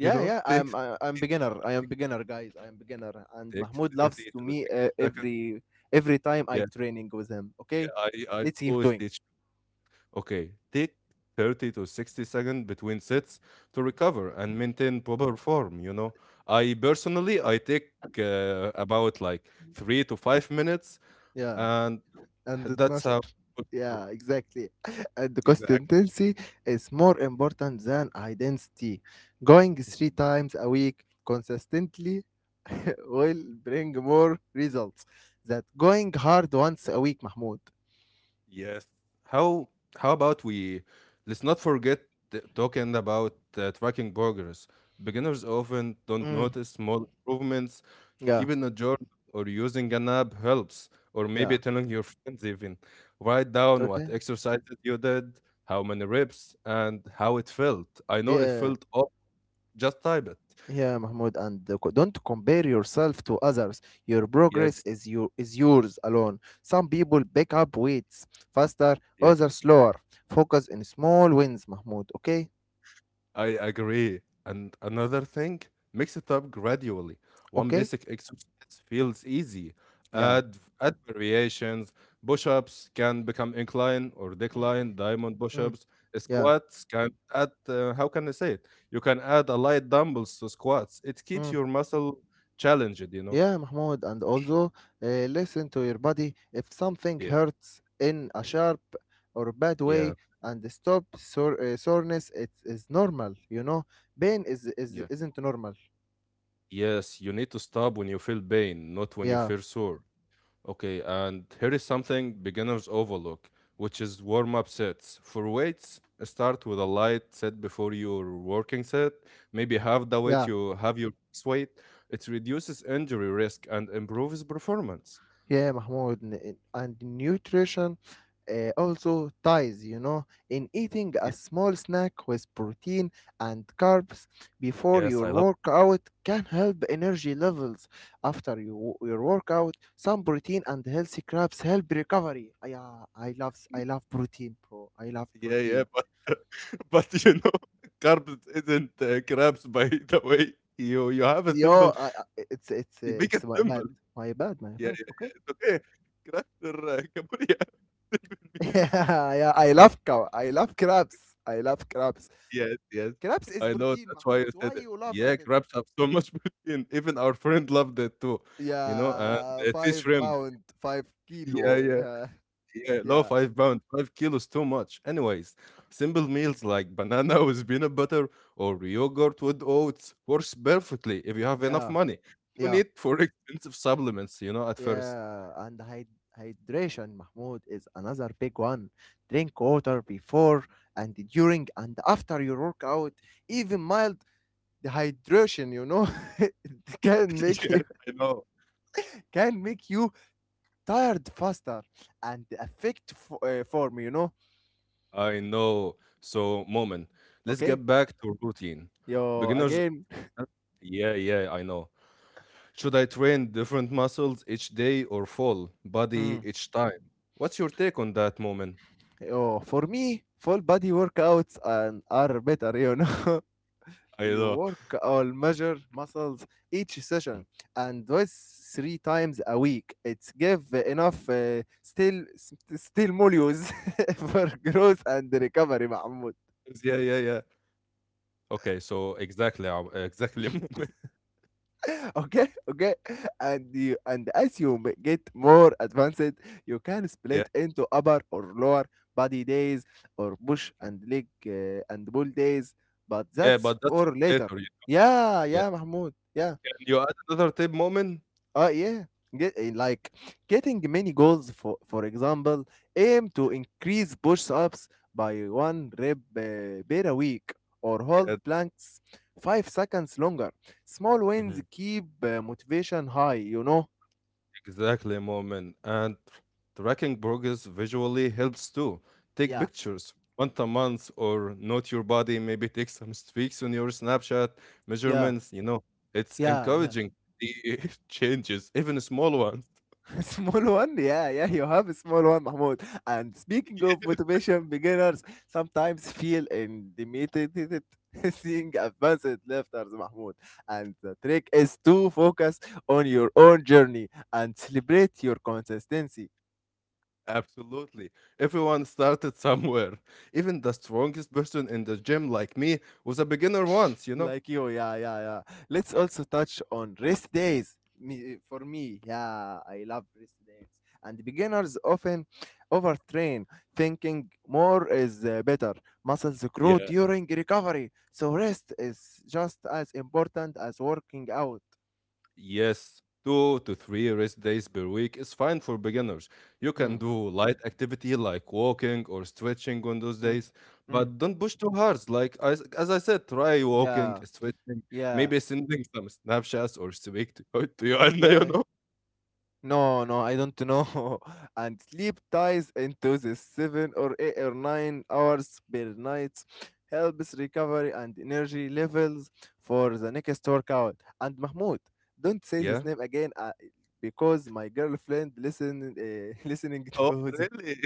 Speaker 1: you know,
Speaker 2: yeah.
Speaker 1: take
Speaker 2: I'm beginner. I am beginner, guys. I am beginner, and
Speaker 1: take
Speaker 2: Mahmoud loves
Speaker 1: 30
Speaker 2: to
Speaker 1: to
Speaker 2: me
Speaker 1: 60 seconds.
Speaker 2: every time I
Speaker 1: Yeah,
Speaker 2: training with him. Okay,
Speaker 1: yeah, I
Speaker 2: let's keep
Speaker 1: always
Speaker 2: doing.
Speaker 1: teach. Okay, take 30 to 60 seconds between sets to recover and maintain proper form, you know. I personally, I take about like 3 to 5 minutes,
Speaker 2: Yeah,
Speaker 1: and
Speaker 2: and the
Speaker 1: that's
Speaker 2: 12.
Speaker 1: how.
Speaker 2: Yeah, exactly. *laughs* And the
Speaker 1: Exactly.
Speaker 2: consistency is more important than identity. Going three times a week consistently *laughs* will bring more results than going hard once a week, Mahmoud.
Speaker 1: Yes. How how about we let's not forget t- talking about tracking progress. Beginners often don't
Speaker 2: Mm,
Speaker 1: notice small improvements.
Speaker 2: yeah,
Speaker 1: Keeping a journal or using an app helps, or
Speaker 2: yeah.
Speaker 1: maybe telling your friends even. Write down what
Speaker 2: Okay.
Speaker 1: exercises you did, how many reps, and how it felt. I know it
Speaker 2: Yeah.
Speaker 1: felt up. Just type it.
Speaker 2: Yeah, Mahmoud, and don't compare yourself to others. Your progress
Speaker 1: Yes.
Speaker 2: is yours alone. Some people pick up weights faster, others slower. Focus in small wins, Mahmoud. Okay,
Speaker 1: I agree. And another thing, mix it up gradually. One
Speaker 2: okay,
Speaker 1: basic exercise feels easy.
Speaker 2: yeah.
Speaker 1: Add variations. Push ups can become incline or decline, diamond push
Speaker 2: Mm,
Speaker 1: ups.
Speaker 2: yeah.
Speaker 1: Squats can add, how can I say it? You can add a light dumbbells to squats. It keeps
Speaker 2: Mm,
Speaker 1: your muscle challenged, you know?
Speaker 2: yeah, Mahmoud. And also, listen to your body. If something
Speaker 1: Yeah.
Speaker 2: hurts in a sharp or bad way,
Speaker 1: Yeah.
Speaker 2: and stop soreness, it is normal. You know, pain
Speaker 1: Yeah.
Speaker 2: is isn't normal.
Speaker 1: Yes, you need to stop when you feel pain, not when you
Speaker 2: Yeah,
Speaker 1: feel sore. Okay, and here is something beginners overlook, which is warm up sets. For weights, start with a light set before your working set, maybe half the weight
Speaker 2: yeah.
Speaker 1: you have your max weight. It reduces injury risk and improves performance.
Speaker 2: Yeah, Mahmoud, and nutrition, also ties, in eating a
Speaker 1: Ye-
Speaker 2: small snack with protein and carbs before
Speaker 1: Yes, I
Speaker 2: your
Speaker 1: love.
Speaker 2: workout can help energy levels. After your workout, some protein and healthy carbs help recovery. Ah, yeah, I love protein, bro. I love
Speaker 1: *laughs* Yeah, yeah,
Speaker 2: protein.
Speaker 1: but *laughs* but you know, *laughs* carbs isn't crabs, by *laughs* the way. You have a
Speaker 2: Yo,
Speaker 1: symbol.
Speaker 2: it's it's uh,
Speaker 1: You make
Speaker 2: it's
Speaker 1: it
Speaker 2: my bad,
Speaker 1: simple.
Speaker 2: my bad, my
Speaker 1: Yeah,
Speaker 2: bad.
Speaker 1: yeah,
Speaker 2: Okay.
Speaker 1: yeah. It's okay. Crabs are *laughs* Cambodia.
Speaker 2: *laughs*
Speaker 1: *laughs*
Speaker 2: Yeah, yeah, I love cow. I love crabs. I love crabs.
Speaker 1: Yes, yes.
Speaker 2: كرابس is
Speaker 1: I know,
Speaker 2: protein,
Speaker 1: that's why I
Speaker 2: Mahmoud. Why
Speaker 1: said it.
Speaker 2: you laugh
Speaker 1: Yeah,
Speaker 2: at it?
Speaker 1: crabs have so *laughs* much protein. Even our friend loved it too, you know, and
Speaker 2: Yeah,
Speaker 1: sea
Speaker 2: five
Speaker 1: shrimp.
Speaker 2: pound, five
Speaker 1: Yeah,
Speaker 2: kilo.
Speaker 1: yeah,
Speaker 2: Yeah,
Speaker 1: yeah. Low
Speaker 2: yeah,
Speaker 1: 5 pound, 5 kilos, too much. Anyways, simple meals like banana *laughs* with peanut butter or yogurt with oats works perfectly if you have enough
Speaker 2: yeah,
Speaker 1: money. No
Speaker 2: yeah,
Speaker 1: need for *laughs* expensive supplements, you know, at first.
Speaker 2: yeah. And hydration, Mahmoud, is another big one. Drink water before and during and after your workout. Even mild dehydration, *laughs* it can
Speaker 1: *laughs*
Speaker 2: make you
Speaker 1: Yes, I know.
Speaker 2: can make you tired faster and affect form. You know.
Speaker 1: I know. So, moment, let's
Speaker 2: Okay.
Speaker 1: get back to routine.
Speaker 2: Yo,
Speaker 1: Beginners,
Speaker 2: again.
Speaker 1: huh? Yeah, I know. Should I train different muscles each day or full body
Speaker 2: Mm.
Speaker 1: each time? What's your take on that, Moment?
Speaker 2: Oh, for me, full body workouts and are better, you know. *laughs*
Speaker 1: I
Speaker 2: You
Speaker 1: know.
Speaker 2: work all measure muscles each session,
Speaker 1: *laughs*
Speaker 2: and those three times a week. It's give enough, still molecules *laughs* for growth and recovery.
Speaker 1: Yeah, yeah, yeah. Okay, so exactly, exactly, *laughs* Moment.
Speaker 2: *laughs* Okay, okay. And you and as get more advanced, you can
Speaker 1: Yeah,
Speaker 2: split into upper or lower body days, or push
Speaker 1: yeah,
Speaker 2: and leg, and pull days, but
Speaker 1: yeah,
Speaker 2: that's
Speaker 1: but that's
Speaker 2: for
Speaker 1: for
Speaker 2: later.
Speaker 1: later. Yeah.
Speaker 2: Yeah,
Speaker 1: Yeah.
Speaker 2: yeah, Mahmoud, yeah.
Speaker 1: Can you add another tip, Moment?
Speaker 2: Uh, yeah, like getting many goals, for example, aim to increase push ups by one rep per week, or hold
Speaker 1: Yeah.
Speaker 2: planks 5 seconds longer. Small wins
Speaker 1: Mhm.
Speaker 2: keep motivation high, you know?
Speaker 1: Exactly, Moment. And tracking progress visually helps too. Take
Speaker 2: Yeah,
Speaker 1: pictures once a month or note your body, maybe take some streaks on your Snapchat
Speaker 2: yeah,
Speaker 1: measurements. You know, it's
Speaker 2: yeah, yeah.
Speaker 1: encouraging to see *laughs* changes, even small ones.
Speaker 2: *laughs* Small one, yeah, yeah, you have a small one, Mahmoud. And speaking of motivation, beginners sometimes feel intimidated, *laughs* seeing advanced lifters, Mahmoud. And the trick is to focus on your own journey and celebrate your consistency.
Speaker 1: *laughs* Absolutely. Everyone started somewhere. Even the strongest person in the gym, like me, was a beginner once, you know?
Speaker 2: Like you. Yeah, yeah, yeah. Let's also touch on rest days. For me, yeah, I love rest days. And beginners often overtrain, thinking more is better. Muscles grow
Speaker 1: Yeah.
Speaker 2: during recovery, so rest is just as important as working out.
Speaker 1: Yes, two to three rest days per week is fine for beginners. You can
Speaker 2: Mm.
Speaker 1: do light activity like walking or stretching on those
Speaker 2: Mm.
Speaker 1: days,
Speaker 2: Mm.
Speaker 1: but don't push too hard. Like as I said, try walking,
Speaker 2: Yeah,
Speaker 1: stretching,
Speaker 2: yeah,
Speaker 1: maybe sending some snapshots or speak *laughs* to your Anna, you
Speaker 2: yeah.
Speaker 1: know?
Speaker 2: No, no, I don't know. *laughs* And sleep ties into the 7 or 8 or 9 hours per night, helps recovery and energy levels for the next workout. And Mahmoud, don't say this
Speaker 1: Yeah.
Speaker 2: name again, because my girlfriend listen, *laughs* listening to
Speaker 1: Oh,
Speaker 2: the.
Speaker 1: really?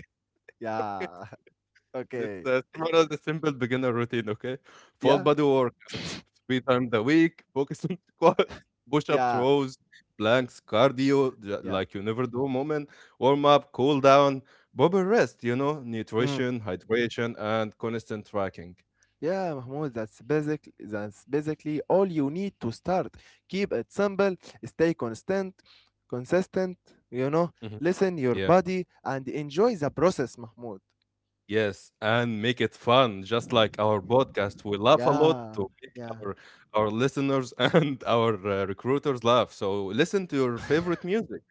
Speaker 2: Yeah,
Speaker 1: *laughs*
Speaker 2: *laughs*
Speaker 1: Let's
Speaker 2: okay,
Speaker 1: start out the simple beginner routine, okay? Full
Speaker 2: yeah,
Speaker 1: body workouts, three times a week, focus on *laughs* squats, push ups,
Speaker 2: yeah,
Speaker 1: rows, planks, cardio,
Speaker 2: yeah.
Speaker 1: like you never do, moment, warm up, cool down, proper rest, you know,
Speaker 2: Mm.
Speaker 1: nutrition, hydration, and constant tracking.
Speaker 2: Yeah, Mahmoud, that's basic. That's basically all you need to start. Keep it simple, stay constant, consistent. You know,
Speaker 1: Mhm.
Speaker 2: listen your
Speaker 1: Yeah.
Speaker 2: body and enjoy the process, Mahmoud.
Speaker 1: Yes, and make it fun, just like our podcast. We laugh a lot
Speaker 2: Yeah,
Speaker 1: to make
Speaker 2: yeah,
Speaker 1: our listeners *laughs* and our recruiters laugh. So listen to your favorite music.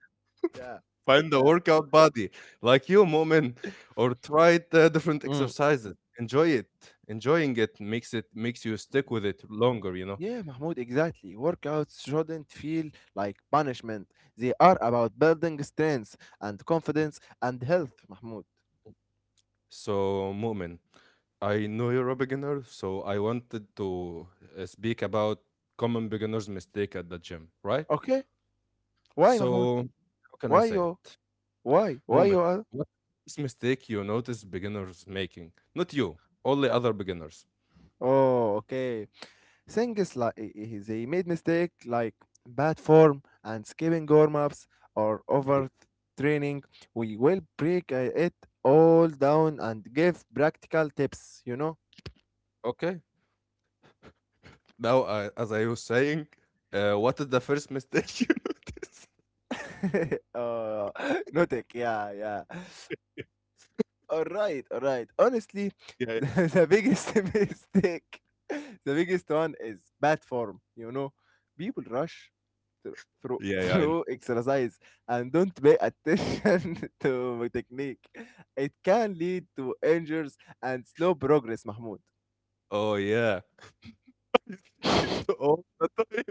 Speaker 2: yeah,
Speaker 1: Find
Speaker 2: *laughs*
Speaker 1: the
Speaker 2: yeah.
Speaker 1: workout body like you, Moment, or try the different
Speaker 2: Mm.
Speaker 1: exercises. Enjoy it. Enjoying it makes you stick with it longer, you know.
Speaker 2: Yeah, Mahmoud, exactly. Workouts shouldn't feel like punishment. They are about building strength and confidence and health, Mahmoud.
Speaker 1: So, Moment, I know you're a beginner, so I wanted to speak about common beginners' mistake at the gym, right?
Speaker 2: Okay? Why, Mahmoud?
Speaker 1: So, how can I
Speaker 2: Why
Speaker 1: say
Speaker 2: you?
Speaker 1: it?
Speaker 2: Why? Why
Speaker 1: Moment.
Speaker 2: you are?
Speaker 1: What this mistake you notice beginners making? Not you, only other beginners.
Speaker 2: Oh, okay. Things like they made mistake like bad form and skipping warm-ups, or
Speaker 1: Yeah.
Speaker 2: overtraining. We will break it all down and give practical tips, you know?
Speaker 1: Okay. Now, as I was saying, what is the first mistake *laughs* you notice?
Speaker 2: *laughs* Oh, *laughs* notic, yeah, yeah. All right, all right. Honestly,
Speaker 1: Yeah,
Speaker 2: *laughs*
Speaker 1: yeah,
Speaker 2: the the biggest *laughs* mistake, the biggest one is bad form, you know? People rush through, through
Speaker 1: yeah.
Speaker 2: *laughs*
Speaker 1: Yeah, I know.
Speaker 2: through exercise, and don't pay attention *laughs* to technique. It can lead to injuries and slow progress, Mahmoud.
Speaker 1: Oh yeah, *laughs* I see it all the time.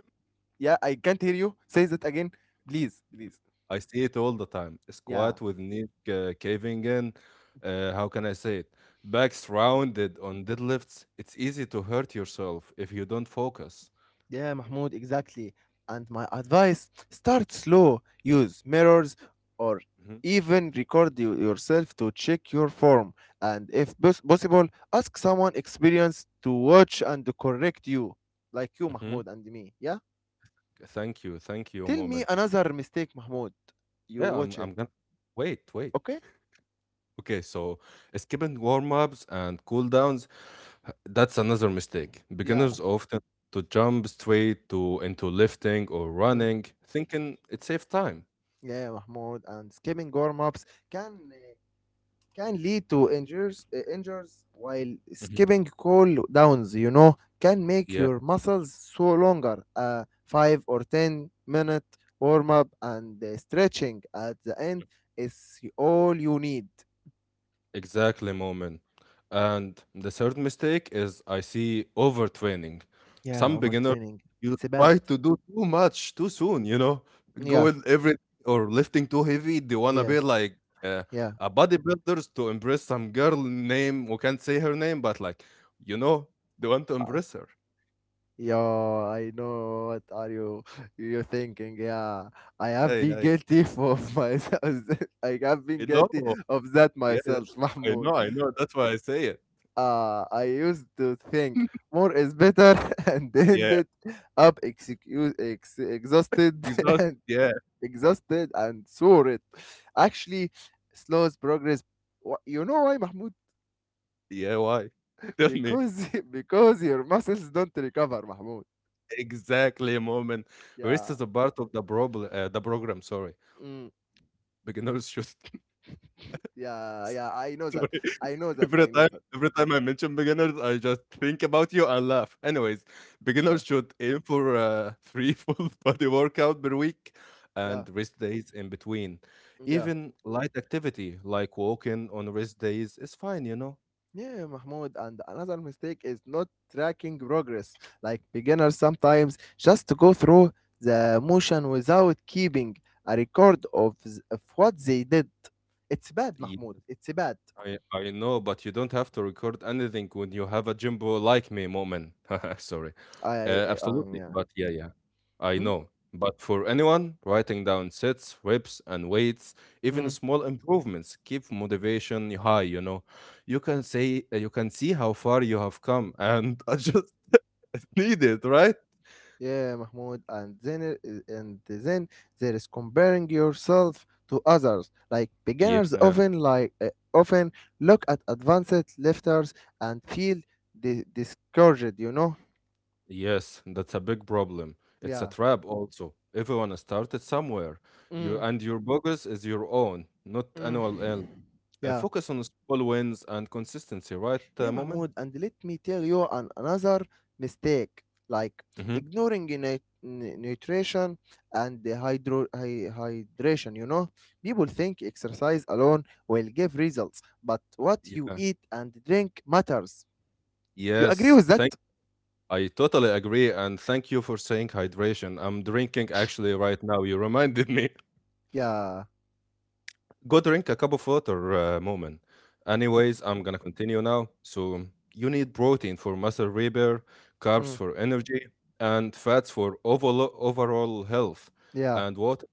Speaker 2: Yeah, I can't hear you. Say that again, please, please.
Speaker 1: I see it all the time.
Speaker 2: Yeah,
Speaker 1: Squat with knee caving in. How can I say it? Backs rounded on deadlifts. It's easy to hurt yourself if you don't focus.
Speaker 2: yeah, Mahmoud, exactly. And my advice, start slow, use mirrors, or
Speaker 1: Hmm.
Speaker 2: even record yourself to check your form. And if possible, ask someone experienced to watch and correct you, like you,
Speaker 1: Hmm.
Speaker 2: Mahmoud, and me. Yeah?
Speaker 1: Thank you,
Speaker 2: Tell me
Speaker 1: Moment.
Speaker 2: another mistake, Mahmoud. You
Speaker 1: Yeah, I'm
Speaker 2: watch it,
Speaker 1: I'm gonna wait.
Speaker 2: okay?
Speaker 1: *laughs* Okay, so skipping warm-ups and cool-downs, that's another mistake.
Speaker 2: Yeah.
Speaker 1: Beginners often to jump straight to into lifting or
Speaker 2: Mm.
Speaker 1: running, thinking it saves time.
Speaker 2: Yeah, Mahmoud. And skipping warm-ups can can lead to injuries, injuries, while
Speaker 1: Mhm.
Speaker 2: skipping cool downs. You know, can make your muscles sore longer. A 5 or 10 minute warm-up and stretching at the end is all you need.
Speaker 1: Exactly, Moment. And the third mistake is I see overtraining.
Speaker 2: Yeah,
Speaker 1: Some beginners
Speaker 2: overtraining.
Speaker 1: you
Speaker 2: It's bad.
Speaker 1: try to do too much too soon, you know,
Speaker 2: Yeah,
Speaker 1: going every or lifting too heavy. They wanna
Speaker 2: yeah,
Speaker 1: be like uh,
Speaker 2: yeah.
Speaker 1: a bodybuilders to impress some girl name. We can't say her name, but like you know, they want to impress her.
Speaker 2: Yo, I know what are you thinking? Yeah, I have
Speaker 1: Yeah,
Speaker 2: been
Speaker 1: yeah,
Speaker 2: guilty for *laughs* myself. I have been
Speaker 1: I know.
Speaker 2: guilty of that
Speaker 1: Yeah, yeah.
Speaker 2: myself, *laughs*
Speaker 1: I
Speaker 2: Mahmoud.
Speaker 1: know, I know. That's why I say it.
Speaker 2: I used to think
Speaker 1: *laughs*
Speaker 2: more is better, *laughs* and
Speaker 1: yeah,
Speaker 2: ended up execu ex exhausted,
Speaker 1: because
Speaker 2: *laughs*
Speaker 1: that's-
Speaker 2: and
Speaker 1: yeah,
Speaker 2: exhausted and sore. It actually slows progress. You know why, Mahmoud?
Speaker 1: yeah. Why?
Speaker 2: *laughs*
Speaker 1: Tell me.
Speaker 2: Because *laughs* because your muscles don't recover, Mahmoud.
Speaker 1: Exactly, moment. Rest
Speaker 2: Yeah.
Speaker 1: is a part of the problem, the program, sorry.
Speaker 2: Mm.
Speaker 1: Beginners should *laughs*
Speaker 2: Yeah, yeah, I know that.
Speaker 1: sorry. *laughs*
Speaker 2: I know that. I
Speaker 1: Every
Speaker 2: know
Speaker 1: time
Speaker 2: that.
Speaker 1: every time I mention beginners, I just think about you and laugh. Anyways,
Speaker 2: Yeah,
Speaker 1: beginners should aim for three *laughs* full body workout per week
Speaker 2: yeah,
Speaker 1: and rest days in between.
Speaker 2: yeah.
Speaker 1: Even light activity like walking on rest days is fine, you know?
Speaker 2: Yeah, Mahmoud. And another mistake is not tracking progress. Like beginners sometimes just to go through the motion without keeping a record of what they did. It's bad,
Speaker 1: Yes.
Speaker 2: Mahmoud. It's bad.
Speaker 1: I know, but you don't have to record anything when you have a jumbo like me, Moment. *laughs* Sorry.
Speaker 2: I
Speaker 1: Absolutely.
Speaker 2: Yeah.
Speaker 1: But yeah, yeah. I
Speaker 2: Hmm?
Speaker 1: know. But for anyone, writing down sets, reps, and weights, even
Speaker 2: Hmm?
Speaker 1: small improvements keep motivation high, you know. You can say you can see how far you have come and *laughs* I just need it, *laughs* right?
Speaker 2: Yeah, Mahmoud, and then there is comparing yourself to others. Like beginners
Speaker 1: Yeah.
Speaker 2: often look at advanced lifters and feel discouraged. You know?
Speaker 1: Yes, that's a big problem. It's a
Speaker 2: Yeah.
Speaker 1: trap also. Everyone started somewhere. You
Speaker 2: Mm,
Speaker 1: and your progress is your own, not
Speaker 2: mm.
Speaker 1: annual L.
Speaker 2: Yeah.
Speaker 1: Focus on small wins and consistency, right,
Speaker 2: Yeah,
Speaker 1: Moment?
Speaker 2: Mahmoud, and let me tell you another mistake, like
Speaker 1: Mm-hmm.
Speaker 2: ignoring nutrition and the hydration. You know, people think exercise alone will give results, but what you
Speaker 1: Yeah.
Speaker 2: eat and drink matters. You agree
Speaker 1: Yes.
Speaker 2: with that?
Speaker 1: Thank. I totally agree, and thank you for saying hydration. I'm drinking actually right now. You reminded *laughs* me.
Speaker 2: Yeah.
Speaker 1: Go drink a cup of water, Moment.
Speaker 2: Okay.
Speaker 1: Anyways, I'm gonna continue now. So, you need protein for muscle repair, carbs
Speaker 2: Mm,
Speaker 1: for energy, and fats for overall health.
Speaker 2: yeah.
Speaker 1: And water,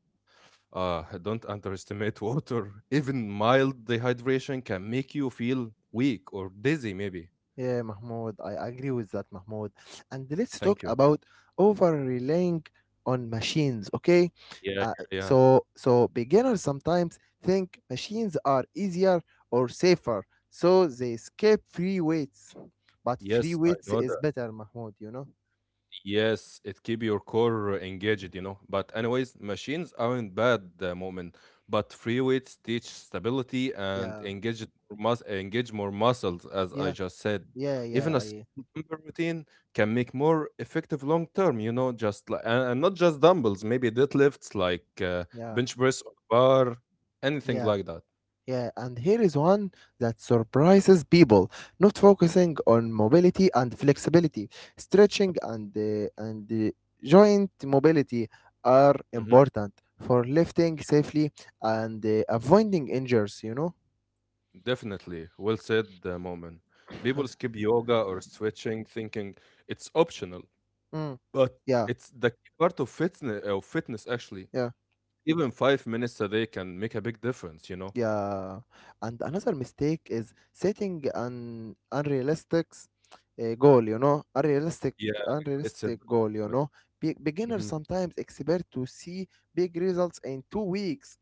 Speaker 1: *laughs* don't underestimate water. *laughs* Even mild dehydration can make you feel weak or dizzy, maybe.
Speaker 2: Yeah, Mahmoud, I agree with that, Mahmoud. And let's
Speaker 1: Thank you.
Speaker 2: talk about over relying on machines, okay?
Speaker 1: Yeah, yeah,
Speaker 2: Uh,
Speaker 1: yeah.
Speaker 2: so beginners sometimes think machines are easier or safer, so they skip free weights. But free
Speaker 1: Yes, I
Speaker 2: weights
Speaker 1: know.
Speaker 2: is better, Mahmoud, you know?
Speaker 1: Yes, it keep your core engaged, you know. But anyways, machines aren't bad the moment, but free weights teach stability and
Speaker 2: Yeah,
Speaker 1: engage mus engage more muscles, as I
Speaker 2: yeah,
Speaker 1: just said.
Speaker 2: yeah,
Speaker 1: Even
Speaker 2: yeah,
Speaker 1: a simple dumbbell routine can make more effective long term, you know, and not just dumbbells, maybe deadlifts like
Speaker 2: yeah,
Speaker 1: bench press or bar, anything
Speaker 2: yeah.
Speaker 1: like that.
Speaker 2: Yeah, and here is one that surprises people, not focusing on mobility and flexibility. Stretching and uh, joint mobility are
Speaker 1: Mhm.
Speaker 2: important for lifting safely and avoiding injuries, you know?
Speaker 1: Definitely, well said, moment. People
Speaker 2: *laughs*
Speaker 1: skip yoga or stretching, thinking it's optional.
Speaker 2: Mm,
Speaker 1: But
Speaker 2: yeah,
Speaker 1: it's the key part of fitness. Actually,
Speaker 2: yeah.
Speaker 1: even 5 minutes a day can make a big difference, you know?
Speaker 2: Yeah, and another mistake is setting an unrealistic goal, you know,
Speaker 1: Yeah, it's a
Speaker 2: unrealistic goal, you know. Beginners
Speaker 1: Mhm.
Speaker 2: sometimes expect to see big results in 2 weeks.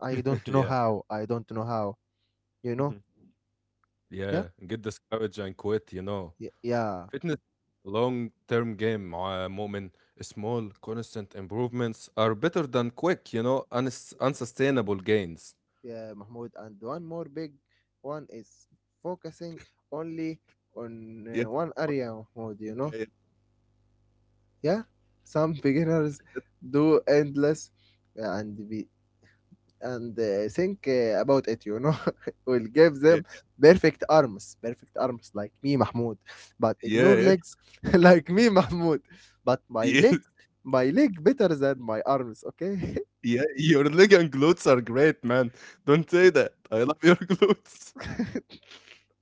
Speaker 2: I don't
Speaker 1: *laughs*
Speaker 2: know
Speaker 1: Yeah.
Speaker 2: how. I don't know how. You know?
Speaker 1: Mhm.
Speaker 2: Yeah,
Speaker 1: Yeah, get discouraged and quit, you know?
Speaker 2: yeah, yeah,
Speaker 1: Fitness long-term game مع مؤمن. Small, constant improvements are better than quick, you know, unsustainable gains.
Speaker 2: yeah, Mahmoud. And one more big one is focusing only on
Speaker 1: Yeah,
Speaker 2: one area, Mahmoud. You know?
Speaker 1: yeah, yeah,
Speaker 2: Yeah, some *laughs* beginners do endless and be and think about it, you know, *laughs* will give them perfect arms like me, Mahmoud, but
Speaker 1: yeah,
Speaker 2: ignore
Speaker 1: yeah, yeah,
Speaker 2: legs *laughs* like me, Mahmoud. But
Speaker 1: *laughs* yeah,
Speaker 2: my leg better than my arms, okay?
Speaker 1: yeah, your leg and glutes are great, man. Don't say
Speaker 2: *laughs*
Speaker 1: that. I love your glutes. *laughs*
Speaker 2: *laughs*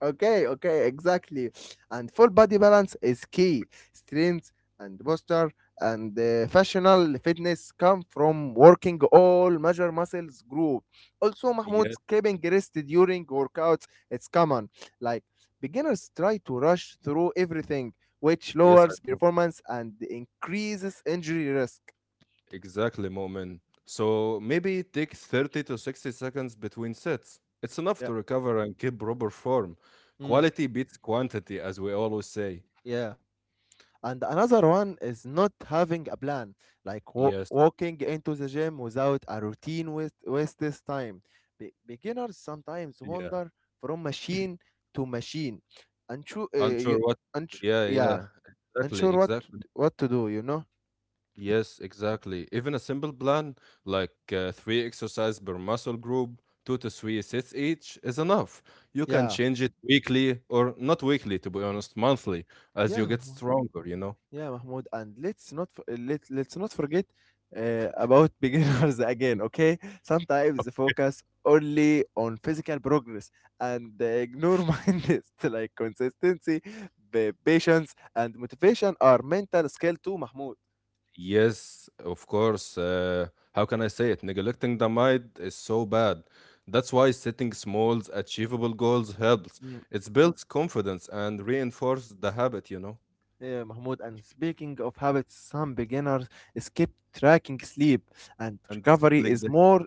Speaker 2: okay, okay, exactly. And full body balance is key. Strength and posture and
Speaker 1: Yeah, yeah.
Speaker 2: functional fitness come from working all major muscles group. Also, Mahmoud,
Speaker 1: Yeah.
Speaker 2: skipping rest during workouts it's common. Like beginners try to rush through everything, which
Speaker 1: Yes, I
Speaker 2: lowers
Speaker 1: know.
Speaker 2: performance and increases injury risk.
Speaker 1: Exactly, Mo'min. So maybe take 30 to 60 seconds between sets. It's enough
Speaker 2: Yeah.
Speaker 1: to recover and keep proper form.
Speaker 2: Mm.
Speaker 1: Quality beats quantity, as we always say.
Speaker 2: Yeah. And another one is not having a plan, like
Speaker 1: Yes,
Speaker 2: walking into the gym without a routine with waste this time. Beginners sometimes
Speaker 1: yeah.
Speaker 2: wander from machine to machine and
Speaker 1: Unsure what? Yeah,
Speaker 2: yeah,
Speaker 1: yeah.
Speaker 2: unsure what
Speaker 1: Exactly.
Speaker 2: to do, you know?
Speaker 1: Yes, exactly. Even a simple plan, like three exercises per muscle group, two to three sets each, is enough. You can
Speaker 2: Yeah,
Speaker 1: change it weekly or not weekly, to be honest, monthly, as
Speaker 2: yeah.
Speaker 1: you get stronger, you know?
Speaker 2: Yeah, Mahmoud, and let's not forget about *laughs* beginners again. Okay, sometimes they focus only on physical progress and they ignore *laughs* mindset, like consistency, patience, and motivation are mental skill too, Mahmoud.
Speaker 1: Yes, of course. How can I say it? Neglecting the mind is so bad. That's why setting small, achievable goals helps.
Speaker 2: Mm.
Speaker 1: It builds confidence and reinforces the habit, you know.
Speaker 2: Yeah, Mahmoud. And speaking of habits, some beginners skip tracking sleep, and
Speaker 1: And skip
Speaker 2: recovery
Speaker 1: leg day.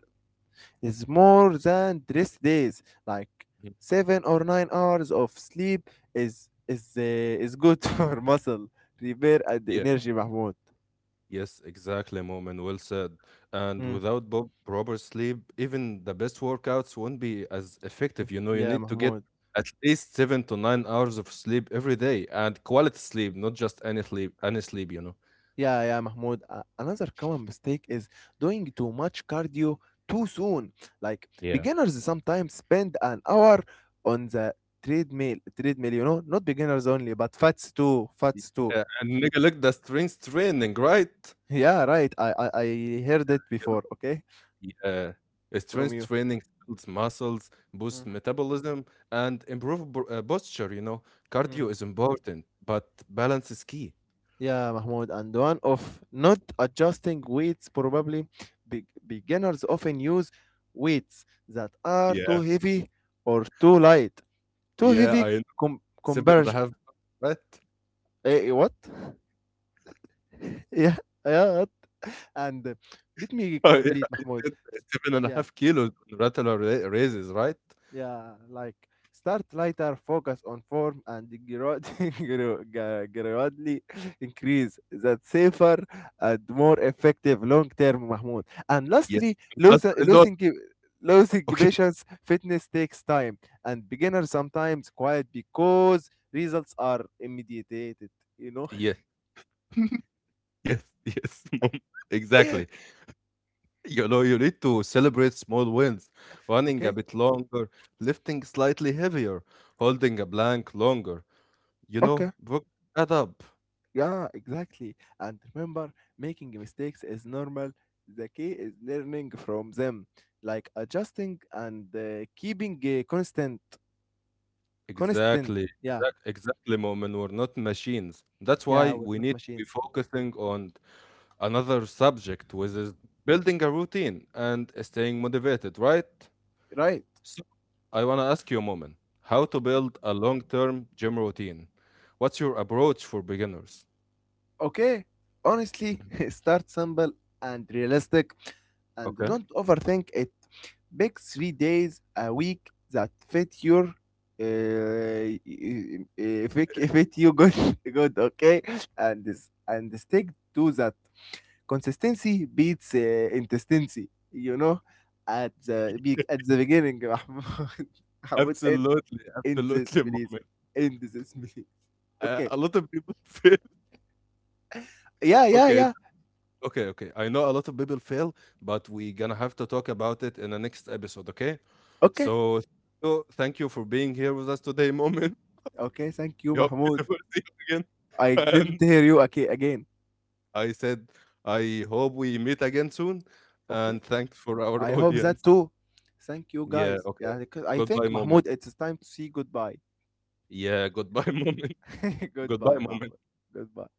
Speaker 2: is more than rest days. Like
Speaker 1: Mhm.
Speaker 2: 7 or 9 hours of sleep is is uh, is good *laughs* for muscle repair and
Speaker 1: Yeah.
Speaker 2: energy, Mahmoud.
Speaker 1: Yes, exactly, Moment. Well said. And
Speaker 2: Mm.
Speaker 1: without proper sleep, even the best workouts won't be as
Speaker 2: Yeah,
Speaker 1: effective. You know, you
Speaker 2: yeah,
Speaker 1: need to
Speaker 2: Mahmoud.
Speaker 1: get at least 7 to 9 hours of sleep every day and quality sleep, not just any any sleep, you know.
Speaker 2: Yeah, yeah, Mahmoud. Another common mistake is doing too much cardio too soon. Like
Speaker 1: Yeah.
Speaker 2: beginners sometimes spend an hour on the treadmill, you know, not beginners only, but fats too, fats too.
Speaker 1: Yeah, and Nigga look, the strength training, right?
Speaker 2: *laughs* Yeah, right. I heard it
Speaker 1: You
Speaker 2: before. Okay,
Speaker 1: know, Yeah.
Speaker 2: from you.
Speaker 1: Strength training builds muscles,
Speaker 2: Mm,
Speaker 1: boosts metabolism, and improve posture, you know.
Speaker 2: mm.
Speaker 1: Cardio is important, but balance is key.
Speaker 2: Yeah, Mahmoud, and one of not adjusting weights probably. Be- Beginners often use weights that are too
Speaker 1: Yeah.
Speaker 2: heavy or too light. Too
Speaker 1: Yeah,
Speaker 2: heavy
Speaker 1: I know.
Speaker 2: com-
Speaker 1: Seven and a
Speaker 2: converge.
Speaker 1: half, right? *laughs*
Speaker 2: Eh, what? *laughs* yeah, yeah. What? And let me
Speaker 1: Oh, yeah,
Speaker 2: complete,
Speaker 1: I
Speaker 2: Mahmoud.
Speaker 1: said seven and a
Speaker 2: Yeah.
Speaker 1: half kilos on regular raises, right?
Speaker 2: Yeah, like start lighter, focus on form, and grad- *laughs* gra- gra- gradually increase. That safer and more effective long term, Mahmoud. And
Speaker 1: Yes.
Speaker 2: lastly,
Speaker 1: Not, not,
Speaker 2: losing losing
Speaker 1: okay.
Speaker 2: patience, fitness takes time, and beginners sometimes quiet because results are immediate. You know?
Speaker 1: Yeah. *laughs* yes, yes. *laughs* Mom. Exactly.
Speaker 2: *laughs*
Speaker 1: You know, you need to celebrate small wins, running a
Speaker 2: okay,
Speaker 1: bit longer, lifting slightly heavier, holding a plank longer. You
Speaker 2: okay.
Speaker 1: know, work that up.
Speaker 2: Yeah, exactly. And remember, making mistakes is normal. The key is learning from them, like adjusting and keeping constant. Constant. Yeah,
Speaker 1: Exactly, Moment. We're not machines. That's
Speaker 2: yeah,
Speaker 1: why
Speaker 2: we're
Speaker 1: we
Speaker 2: not
Speaker 1: need to be
Speaker 2: machines.
Speaker 1: focusing on another subject, which is building a routine and staying motivated, right?
Speaker 2: Right.
Speaker 1: So, I want to ask you, Moment, how to build a long-term gym routine. What's your approach for beginners?
Speaker 2: Okay. Honestly, *laughs* start simple and realistic and
Speaker 1: Okay.
Speaker 2: don't overthink it. Pick 3 days a week that fit your uh, y- y- fit you good *laughs* good okay and this and stick to that. Consistency beats intensity, you know, at at the beginning, *laughs* Mahmoud. Mahmoud, end,
Speaker 1: Absolutely,
Speaker 2: end this,
Speaker 1: absolutely, *laughs*
Speaker 2: please.
Speaker 1: moment.
Speaker 2: End this, please. Okay.
Speaker 1: A lot of people *laughs* fail.
Speaker 2: Yeah, yeah,
Speaker 1: Okay,
Speaker 2: yeah.
Speaker 1: okay, okay. I know a lot of people fail, but we're gonna have to talk about it in the next episode, okay?
Speaker 2: Okay.
Speaker 1: So, so thank you for being here with us today, moment. *laughs*
Speaker 2: Okay, thank you,
Speaker 1: We hope we
Speaker 2: Mahmoud.
Speaker 1: never see you again.
Speaker 2: I
Speaker 1: *laughs*
Speaker 2: didn't
Speaker 1: And
Speaker 2: hear you okay, again.
Speaker 1: I said, I hope we meet again soon.
Speaker 2: Okay.
Speaker 1: And thanks for our
Speaker 2: I
Speaker 1: *laughs*
Speaker 2: hope that
Speaker 1: audience.
Speaker 2: too. Thank you,
Speaker 1: Yeah,
Speaker 2: guys.
Speaker 1: okay.
Speaker 2: Yeah, because I
Speaker 1: Goodbye,
Speaker 2: think,
Speaker 1: moment.
Speaker 2: Mahmoud, it's time to see goodbye.
Speaker 1: Yeah, goodbye, *laughs* moment.
Speaker 2: *laughs*
Speaker 1: Goodbye,
Speaker 2: goodbye, Mahmoud.
Speaker 1: moment.
Speaker 2: Goodbye.